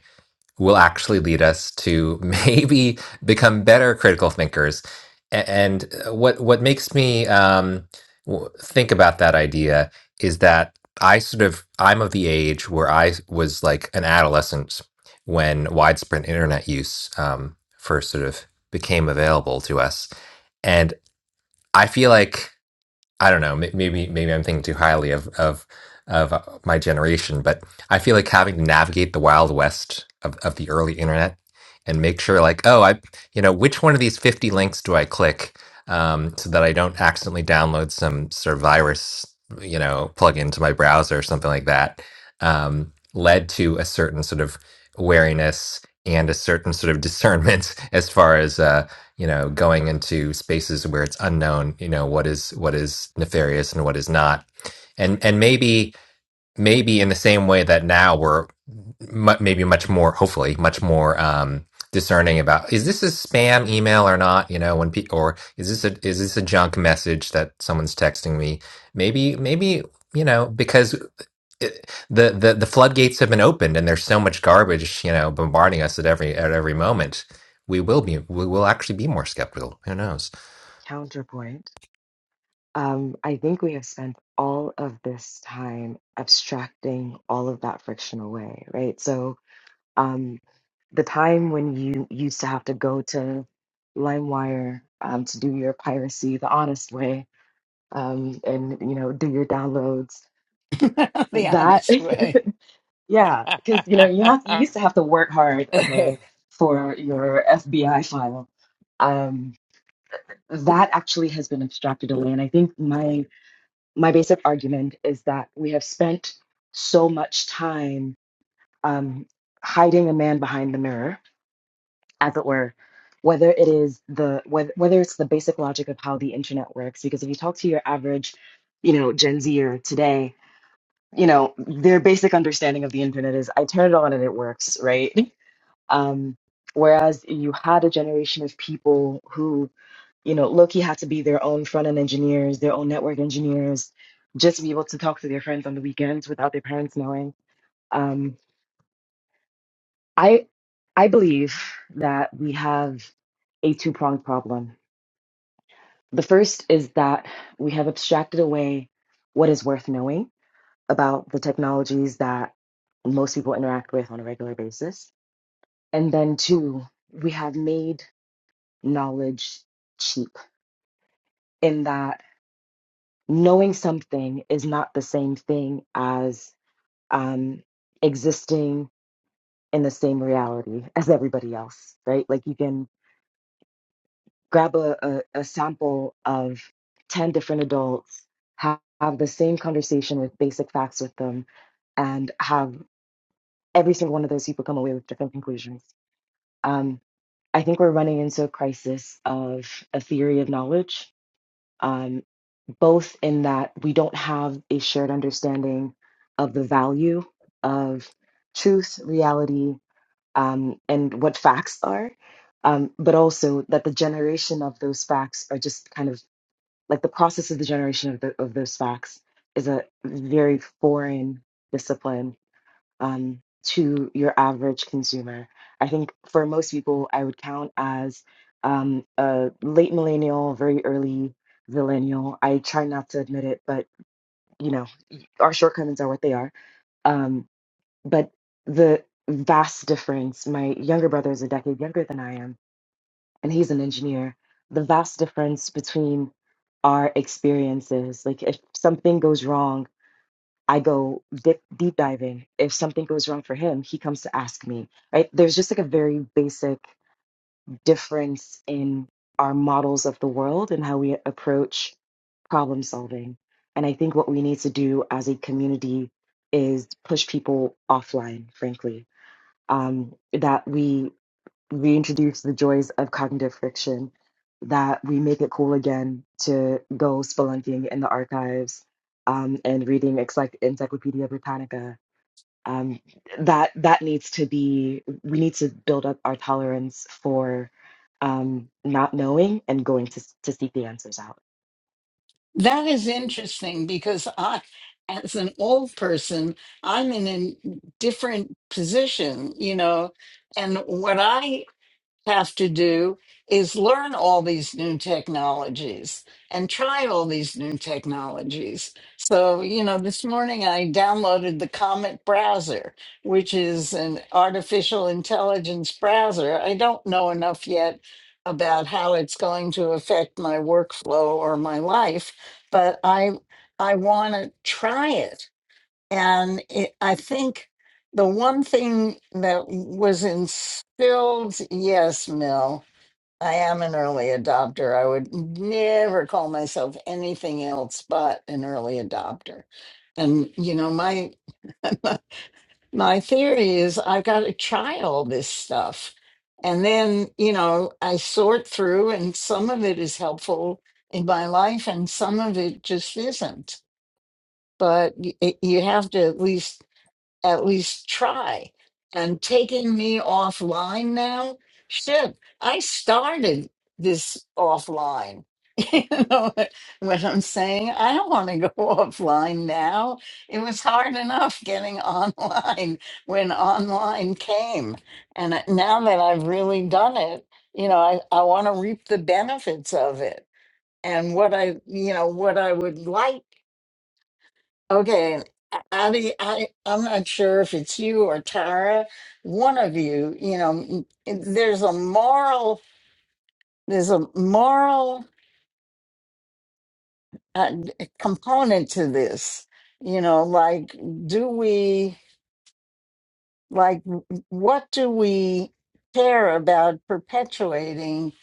will actually lead us to *laughs* maybe become better critical thinkers. A- And uh, what what makes me um, w- think about that idea is that I sort of I'm of the age where I was like an adolescent when widespread internet use um, first sort of became available to us, and I feel like I don't know. may- Maybe maybe I'm thinking too highly of of of uh, my generation, but I feel like having to navigate the wild west of, of the early internet and make sure, like, oh, I, you know, which one of these 50 links do I click um, so that I don't accidentally download some sort of virus, you know, plug into my browser or something like that, um, led to a certain sort of wariness and a certain sort of discernment *laughs* as far as uh, you know, going into spaces where it's unknown, you know, what is what is nefarious and what is not. And and maybe maybe in the same way that now we're mu maybe much more hopefully much more um discerning about is this a spam email or not, you know, when pe- or is this a is this a junk message that someone's texting me? Maybe maybe you know, because it, the the the floodgates have been opened, and there's so much garbage, you know, bombarding us at every at every moment. We will be we will actually be more skeptical. Who knows? counterpoint um, i think we have spent all of this time abstracting all of that friction away right so Um, the time when you used to have to go to LimeWire um, to do your piracy the honest way um, and you know do your downloads *laughs* the that honest way. *laughs* yeah because you know you have you ahead. used to have to work hard okay for your FBI file um, that actually has been abstracted away and I think my my basic argument is that we have spent so much time um, hiding a man behind the mirror as it were, whether it is the whether, whether it's the basic logic of how the internet works. Because if you talk to your average, you know, Gen Zer today, you know, their basic understanding of the internet is I turn it on and it works, right? Um, whereas you had a generation of people who you know, Loki had to be their own front end engineers, their own network engineers, just to be able to talk to their friends on the weekends without their parents knowing. Um, I I believe that we have a two-pronged problem. The first is that we have abstracted away what is worth knowing about the technologies that most people interact with on a regular basis. And then two, we have made knowledge cheap in that knowing something is not the same thing as um, existing in the same reality as everybody else, right? Like you can grab a, a, a sample of 10 different adults, have, have the same conversation with basic facts with them, and have every single one of those people come away with different conclusions. Um, I think we're running into a crisis of a theory of knowledge, um, both in that we don't have a shared understanding of the value of truth, reality, um, and what facts are, um, but also that the generation of those facts are just kind of like the process of the generation of, the, of those facts is a very foreign discipline um, to your average consumer. I think for most people, I would count as um, a late millennial, very early millennial. I try not to admit it, but you know, our shortcomings are what they are. Um, but the vast difference, my younger brother is a decade younger than I am and he's an engineer, the vast difference between our experiences. Like if something goes wrong, I go dip, deep diving. If something goes wrong for him, he comes to ask me. Right? There's just like a very basic difference in our models of the world and how we approach problem solving. And I think what we need to do as a community is push people offline, frankly. Um, that we we introduce the joys of cognitive friction, that we make it cool again to go spelunking in the archives um, and reading Encycl- Encyclopedia Britannica. Um, that that needs to be. We need to build up our tolerance for um, not knowing and going to to seek the answers out. That is interesting because I, as an old person, I'm in a different position, you know, and what I have to do is learn all these new technologies and try all these new technologies. So, you know, this morning I downloaded the Comet browser, which is an artificial intelligence browser. I don't know enough yet about how it's going to affect my workflow or my life, but I I want to try it and it, I think the one thing that was instilled, yes, Mill, I am an early adopter. I would never call myself anything else but an early adopter. And you know, my *laughs* my theory is I've got to try all this stuff. And then, you know, I sort through and some of it is helpful in my life and some of it just isn't. But y- it, you have to at least at least try. And taking me offline now, shit, I started this offline. *laughs* you know what I'm saying? I don't want to go *laughs* offline now. It was hard enough getting *laughs* online when online came. And I- now that I've really done it, you know, I, I want to reap the benefits of it. And what I, you know, what I would like Okay, Addie, I, I'm not sure if it's you or Tara, one of you, you know, m- there's a moral, there's a moral uh, component to this, you know, like, do we? like w- what do we care about perpetuating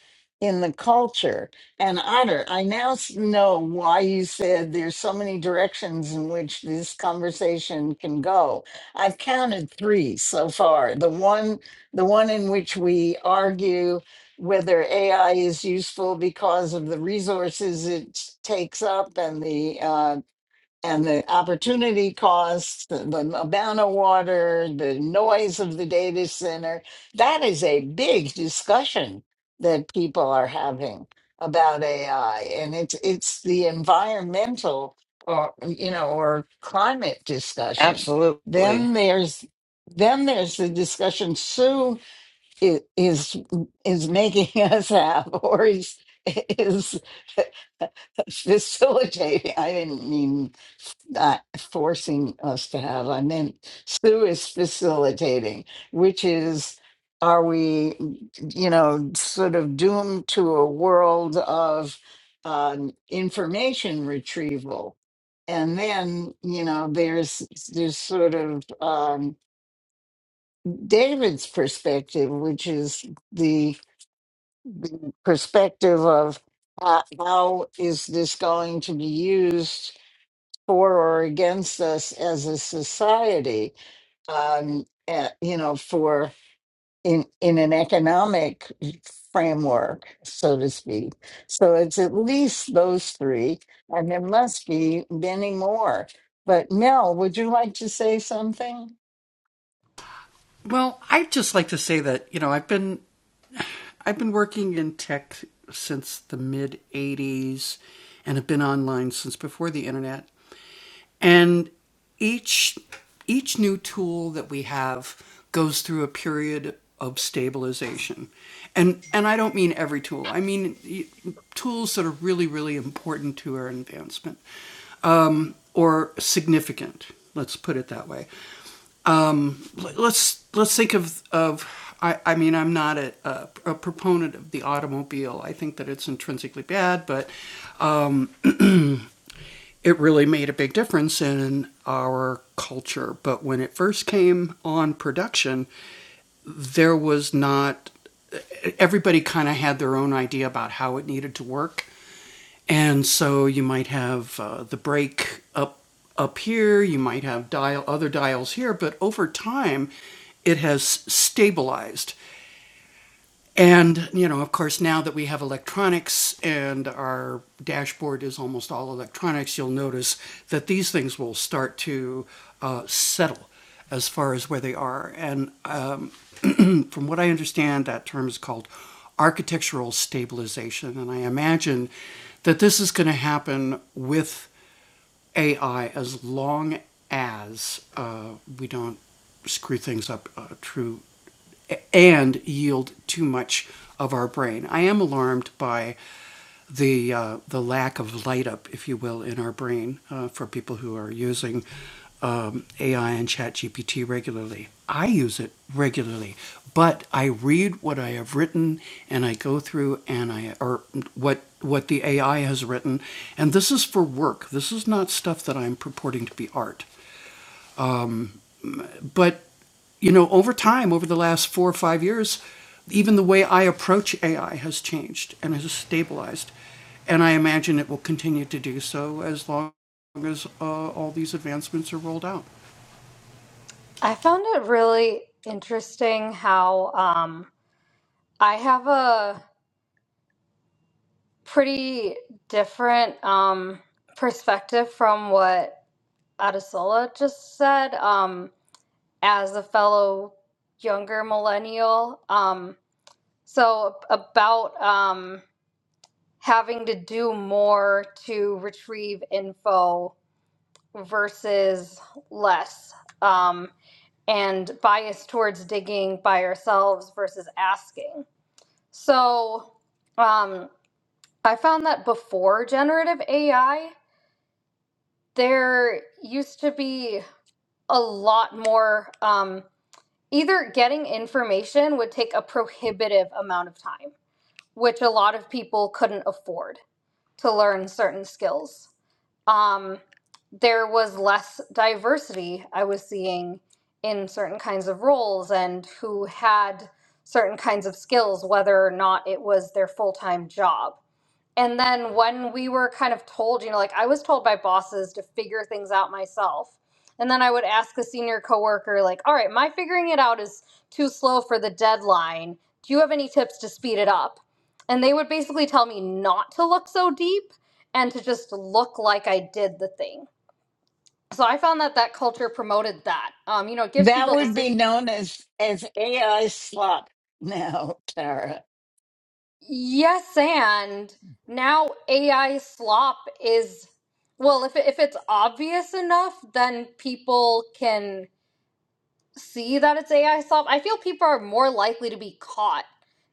in the culture and otter i now s- know why you said there's so many directions in which this conversation can go i've counted three so far the one the one in which we argue whether ai is useful because of the resources it takes up and the uh, and the opportunity costs, the, the amount of water, the noise of the data center. That is a big discussion that people are having about AI, and it's it's the environmental or you know or climate *laughs* discussion. Absolutely. Then there's then there's the discussion Sue i- is is making *laughs* us have, or is is *laughs* facilitating. I didn't mean not forcing us to have. I mean, Sue is facilitating, which is, are we, you know, sort of doomed to a world of um, information retrieval? And then, you know, there's there's sort of um, David's perspective, which is the, the perspective of uh, how is this going to be used for or against us as a society um, uh, you know, for in in an economic framework, so to speak. So it's at least those three, and there must be many more. But Mel, would you like to say something? Well, I'd just like to say that you know I've been I've been working in tech since the mid '80s, and have been online since before the internet. And each each new tool that we have goes through a period of stabilization, and and I don't mean every tool. I mean tools that are really really important to our advancement or significant. Let's put it that way. let's let's think of of I, I mean I'm not a, a, a proponent of the automobile. I think that it's intrinsically bad, but it really made a big difference in our culture. But when it first came on production, there was not everybody kind of had their own idea about how it needed to work. And so you might have uh, the brake up up here, you might have dial other dials here, but over time it has stabilized. And, you know, of course, now that we have electronics and our dashboard is almost all electronics, you'll notice that these things will start to uh, settle as far as where they are. And um, from what I understand, that term is called architectural stabilization. And I imagine that this is going to happen with AI as long as uh, we don't screw things up uh, too, and yield too much of our brain. I am alarmed by the uh, the lack of light up, if you will, in our brain uh, for people who are using um, AI and ChatGPT regularly. I use it regularly, but I read what I have written and I go through and I or what what the AI has written, and this is for work. This is not stuff that I'm purporting to be art, but you know, over time, over the last four or five years, even the way I approach AI has changed and has stabilized. And I imagine it will continue to do so as long as uh, all these advancements are rolled out. i found it really interesting how um, i have a pretty different um, perspective from what adesola just said um, as a fellow younger millennial um, so about um, having to do more to retrieve info versus less um, and bias towards digging by ourselves versus asking so um, i found that before generative ai there used to be a lot more um, either getting information would take a prohibitive amount of time which a lot of people couldn't afford to learn certain skills um, there was less diversity I was seeing in certain kinds of roles and who had certain kinds of skills, whether or not it was their full time job. And then when we were kind of told, you know, like I was told by bosses to figure things out myself. And then I would ask a senior coworker, like, all right, my figuring it out is too slow for the deadline. Do you have any tips to speed it up? And they would basically tell me not to look so deep and to just look like I did the thing. So I found that that culture promoted that. Um, you know, it gives That people would be decision. known as as AI slop now, *laughs* Tara. Yes, and now AI slop is well, if it, if it's obvious enough, then people can see that it's AI solved. I feel people are more likely to be caught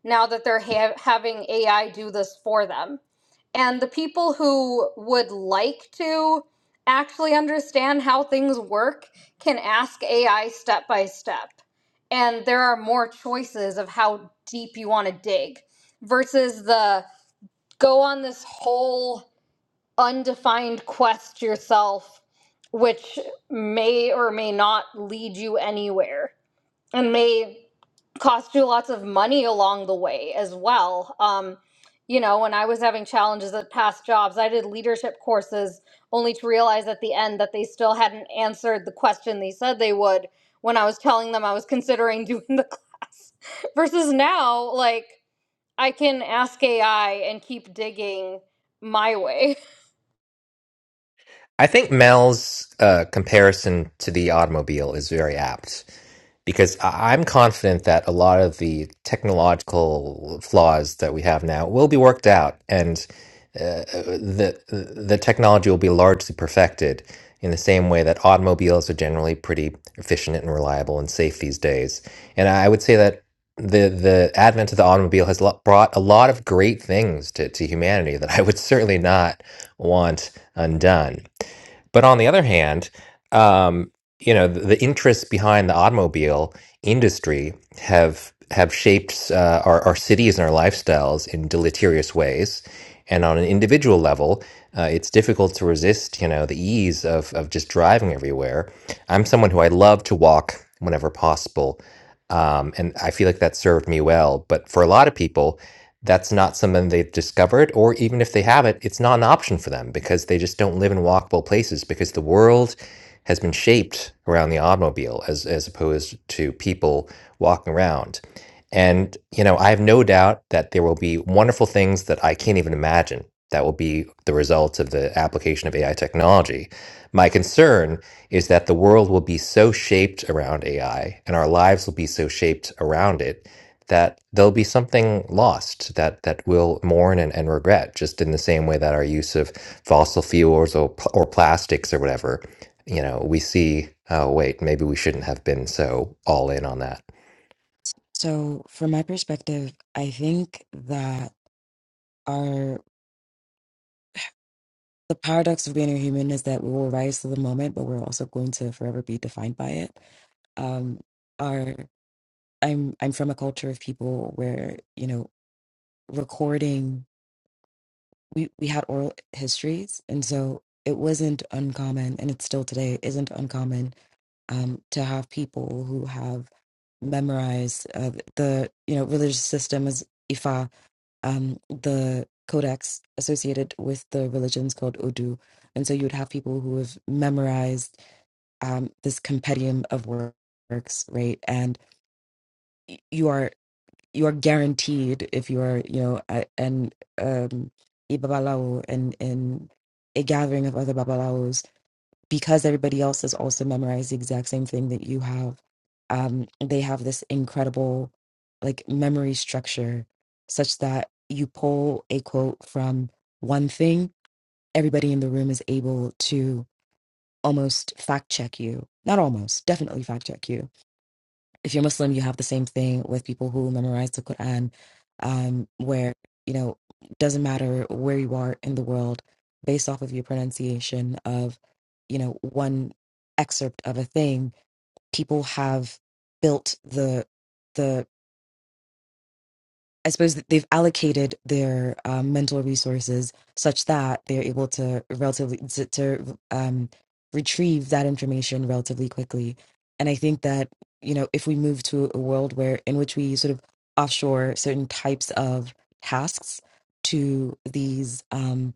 now that they're ha- having AI do this for them. And the people who would like to actually understand how things work can ask AI step by step. And there are more choices of how deep you want to dig versus the go on this whole undefined quest yourself, which may or may not lead you anywhere and may cost you lots of money along the way as well. Um, you know, when I was having challenges at past jobs, I did leadership courses only to realize at the end that they still hadn't answered the question they said they would when I was telling them I was considering *laughs* doing the class. Versus now, like, I can ask AI and keep digging my way. I think Mel's uh, comparison to the automobile is very apt because I- I'm confident that a lot of the technological flaws that we have now will be worked out, and uh, the the technology will be largely perfected in the same way that automobiles are generally pretty efficient and reliable and safe these days. And I would say that the the advent of the automobile has lo- brought a lot of great things to, to humanity that I would *laughs* certainly not want undone. But on the other hand, um, you know, the, the interests behind the automobile industry have have shaped uh, our, our cities and our lifestyles in deleterious ways. And on an individual level, uh, it's difficult to resist, you know, the ease of of just driving everywhere. I'm someone who I love to walk whenever possible, um, and I feel like that served me well. But for a lot of people, that's not something they've discovered, or even if they have it, it's not an option for them because they just don't live in walkable places because the world has been shaped around the automobile as as opposed to people walking around. And you know, I have no doubt that there will be wonderful things that I can't even imagine that will be the result of the application of AI technology. My concern is that the world will be so shaped around AI and our lives will be so shaped around it that there'll be something lost that that we'll mourn and, and regret, just in the same way that our use of fossil fuels or pl- or plastics or whatever, you know, we see, oh wait, maybe we shouldn't have been so all in on that. So, from my perspective, I think that our the paradox of being a human is that we will rise to the moment, but we're also going to forever be defined by it. um, are I'm I'm from a culture of people where you know recording we we had oral histories and so it wasn't uncommon and it still today isn't uncommon um, to have people who have memorized uh, the you know religious system is Ifa um, the codex associated with the religions called Odu and so you'd have people who have memorized um, this compendium of works right and you are you are guaranteed if you are you know a- an um a babalao and and a gathering of other babalaos because everybody else has also memorized the exact same thing that you have um they have this incredible like memory structure such that you pull a quote from one thing everybody in the room is able to almost fact check you not almost definitely fact check you if you're Muslim, you have the same thing with people who memorize the Quran, um, where you know doesn't matter where you are in the world, based off of your pronunciation of you know one excerpt of a thing, people have built the the I suppose that they've allocated their um, mental resources such that they're able to relatively to, to um, retrieve that information relatively quickly. And I think that you know if we move to a world where in which we sort of offshore certain types of tasks to these um,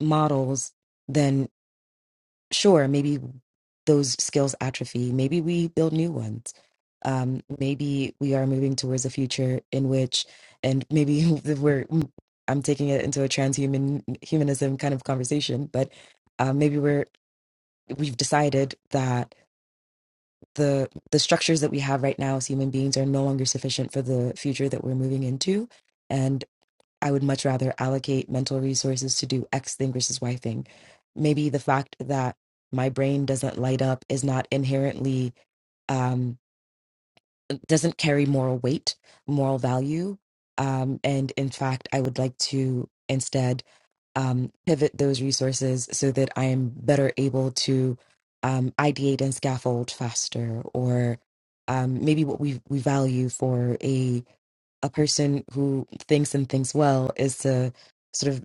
models, then sure, maybe those skills atrophy. Maybe we build new ones. Um, maybe we are moving towards a future in which, and maybe *laughs* we're, I'm taking it into a transhuman humanism kind of conversation, but uh, maybe we're, we've decided that the the structures that we have right now as human beings are no longer sufficient for the future that we're moving into I would much rather allocate mental resources to do X thing versus Y thing. Maybe the fact that my brain doesn't light up is not inherently, um, doesn't carry moral weight, moral value. Um, and in fact, I would like to instead um, pivot those resources so that I am better able to um, ideate and scaffold faster, or um, maybe what we we value for a a person who thinks and thinks well is to sort of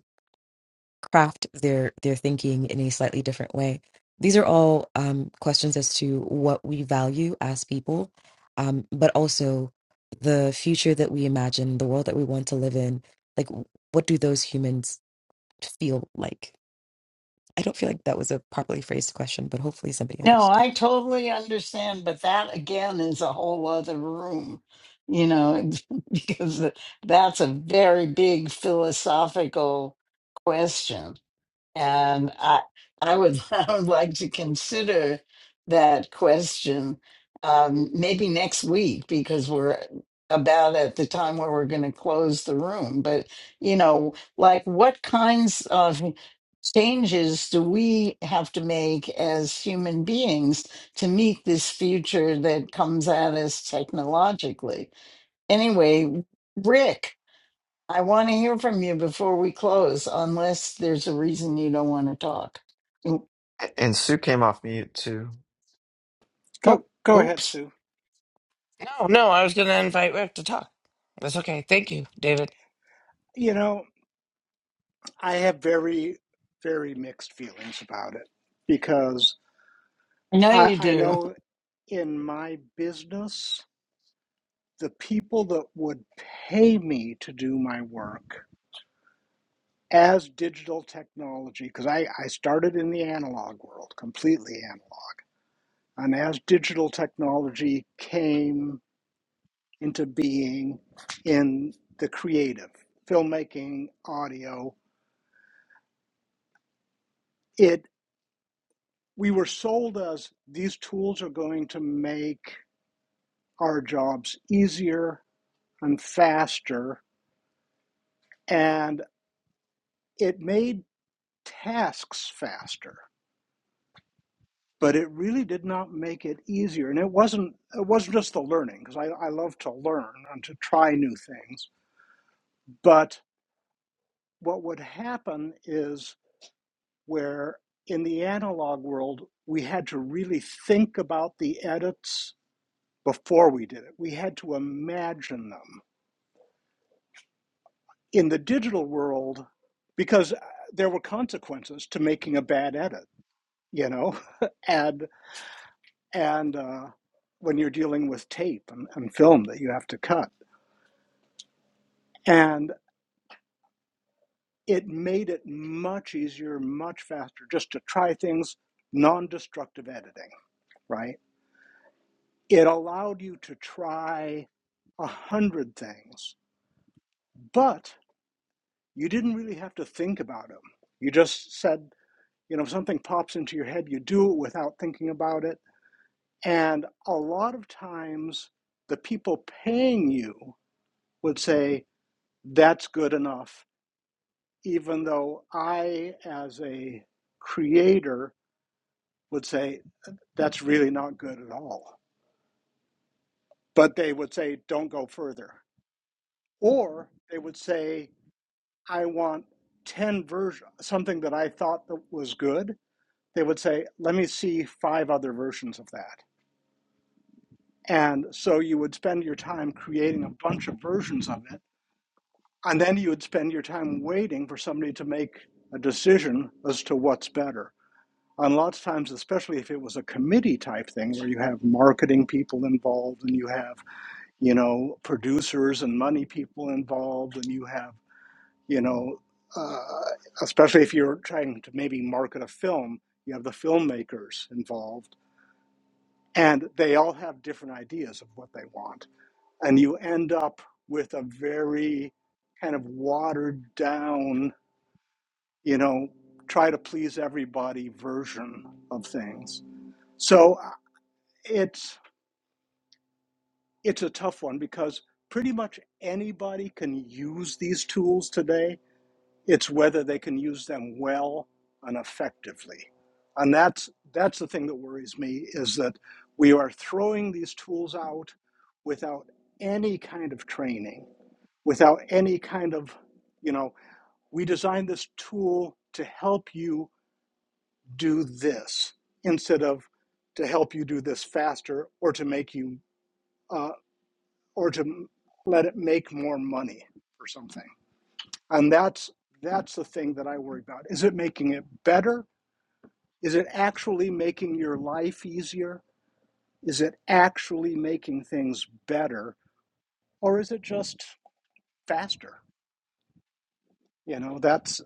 craft their their thinking in a slightly different way these are all um, questions as to what we value as people um, but also the future that we imagine the world that we want to live in like what do those humans feel like i don't feel like that was a properly phrased question but hopefully somebody No, understood I totally understand, but that again is a whole other room, you know, *laughs* because that's a very big philosophical question. And I, I would, *laughs* I would like to consider that question um, maybe next week because we're about at the time where we're going to close the room. But, you know, like what kinds of changes do we have to make as human beings to meet this future that comes at us technologically? Anyway, Rick. I want to hear from you before we close, unless there's a reason you don't want to talk. Oop- and Sue came off mute too. Go Oh, go ahead, oops. Sue. No, no, I was going to invite Rick to talk. That's okay. Thank you, David. You know, I have very, very mixed feelings about it because I know I, you I do. know in my business, the people that would pay me to do my work as digital technology, because I, I started in the analog world, completely analog, and as digital technology came into being in the creative, filmmaking, audio, it. we were sold as these tools are going to make our jobs easier and faster, and it made tasks faster, but it really did not make it easier. And it wasn't it wasn't just the learning, because I, I love to learn and to try new things. But what would happen is where in the analog world we had to really think about the edits before we did it. We had to imagine them in the digital world because uh, there were consequences to making a bad edit you know *laughs* and and uh, when you're dealing with tape and, and film that you have to cut and it made it much easier much faster just to try things non-destructive editing right it allowed you to try a hundred things but you didn't really have to think about them you just said you know if something pops into your head you do it without thinking about it And a lot of times, the people paying you would say, that's good enough, even though I, as a creator, would say, that's really not good at all. But they would say, don't go further. Or they would say, I want 10 versions, something that I thought that was good. They would say, let me see five other versions of that. And so you would spend your time creating a bunch of versions of it And then you would spend your time waiting for somebody to make a decision as to what's better. And lots of times, especially if it was a committee type thing where you have marketing people involved and you have, you know, producers and money people involved and you have, you know, uh, especially if you're trying to maybe market a film, you have the filmmakers involved and they all have different ideas of what they want. And you end up with a very kind of watered down you know, try to please everybody version of things. So uh, it's it's a tough one because pretty much anybody can use these tools today. It's whether they can use them well and effectively. And that's that's the thing that worries me is that we are throwing these tools out without any kind of training, without any kind of, you know, we designed this tool to help you do this instead of to help you do this faster or to make you uh, or to let it make more money or something and that's that's the thing that i worry about is it making it better is it actually making your life easier is it actually making things better or is it just faster you know that's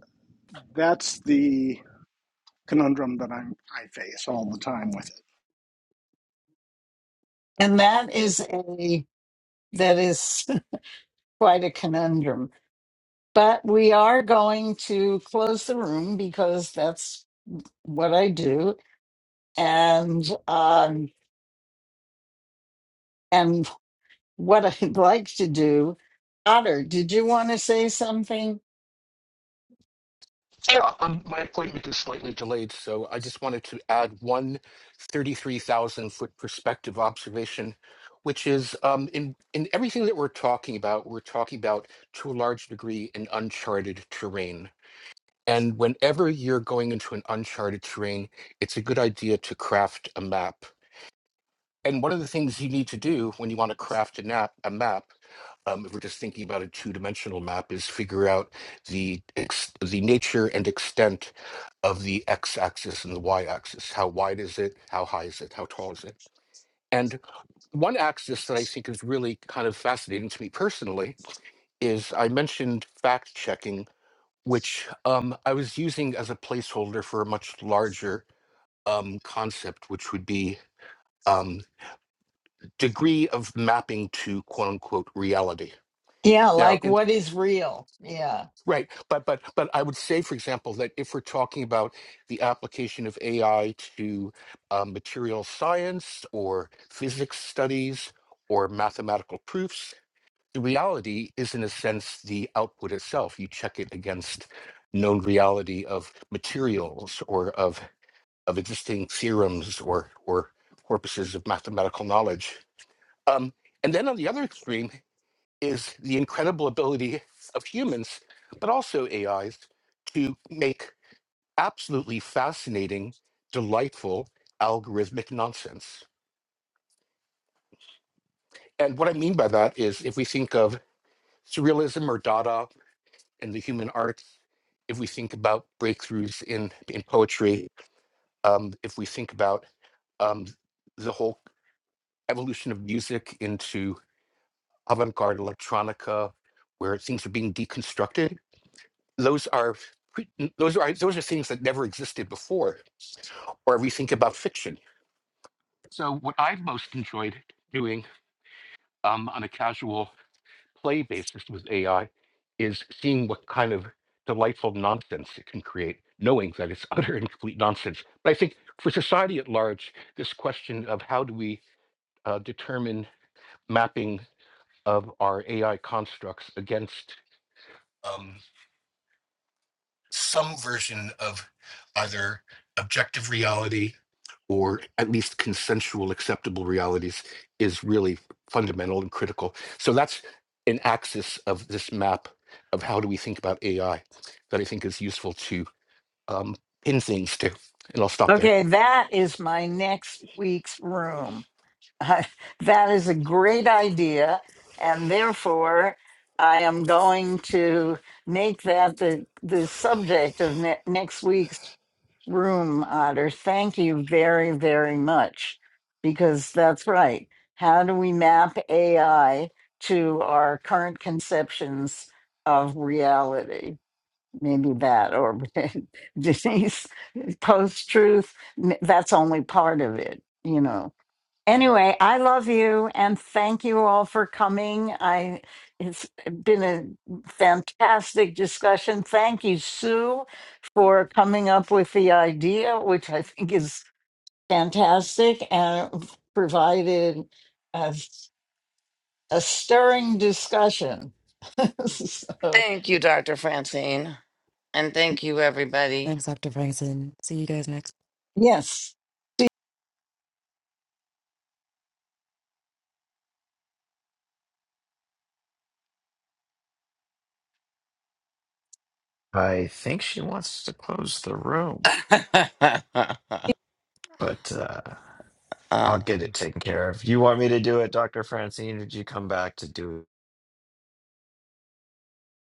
that's the conundrum that i'm i face all the time with it And that is a that is *laughs* quite a conundrum. But we are going to close the room because that's what I do. And um and what I'd *laughs* like to do, Otter, did you want to say something? Yeah, um, my appointment is slightly delayed, so I just wanted to add one 33,000 foot perspective observation, which is um, in in everything that we're talking about, we're talking about to a large degree an uncharted terrain And whenever you're going into an uncharted terrain, it's a good idea to craft a map. And one of the things you need to do when you want to craft a, nap, a map, um, if we're just thinking about a two-dimensional map, is figure out the ex- the nature and extent of the x-axis and the y-axis. How wide is it? How high is it? How tall is it? And one axis that I think is really kind of fascinating to me personally is I mentioned fact checking which um, I was using as a placeholder for a much larger um, concept, which would be um, degree of mapping to quote unquote reality. Yeah, Now, like in, what is real? Yeah. right, but but but I would say, for example, that if we're talking about the application of AI to um, material science or physics studies or mathematical proofs, the reality is, in a sense, the output itself. You check it against known reality of materials or of of existing theorems or or corpuses of mathematical knowledge. Um, and then on the other extreme is the incredible ability of humans, but also AIs, to make absolutely fascinating, delightful algorithmic nonsense. And what I mean by that is if we think of surrealism or Dada in the human arts, if we think about breakthroughs in, in poetry, um, if we think about um, the whole evolution of music into avant-garde electronica where things are being deconstructed those are pre- those are those are things that never existed before or if we think about fiction so what i've most enjoyed doing um, on a casual play basis with ai is seeing what kind of delightful nonsense it can create knowing that it's *laughs* utter and complete nonsense but i think for society at large this question of how do we uh, determine mapping of our AI constructs against um, some version of either objective reality or at least consensual acceptable realities is really fundamental and critical. So that's an axis of this map of how do we think about AI that I think is useful to um, pin things to. And I'll stop there. Okay, that is my next week's room. *laughs* I, that is a great idea. And therefore, I am going to make that the, the subject of ne- next week's room, Otter. Thank you very, very much. Because that's right. How do we map AI to our current conceptions of reality? maybe that or *laughs* denise post-truth that's only part of it you know anyway i love you and thank you all for coming i it's been a fantastic discussion thank you sue for coming up with the idea which i think is fantastic and provided a, a stirring discussion *laughs* so Thank you, Dr. Francine. And thank you, everybody. thanks dr franson see you guys next yes I think she wants to close the room, *laughs* but uh, I'll Uh, get it taken care of. You want me to do it, Dr. Francine? or Did you come back to do it?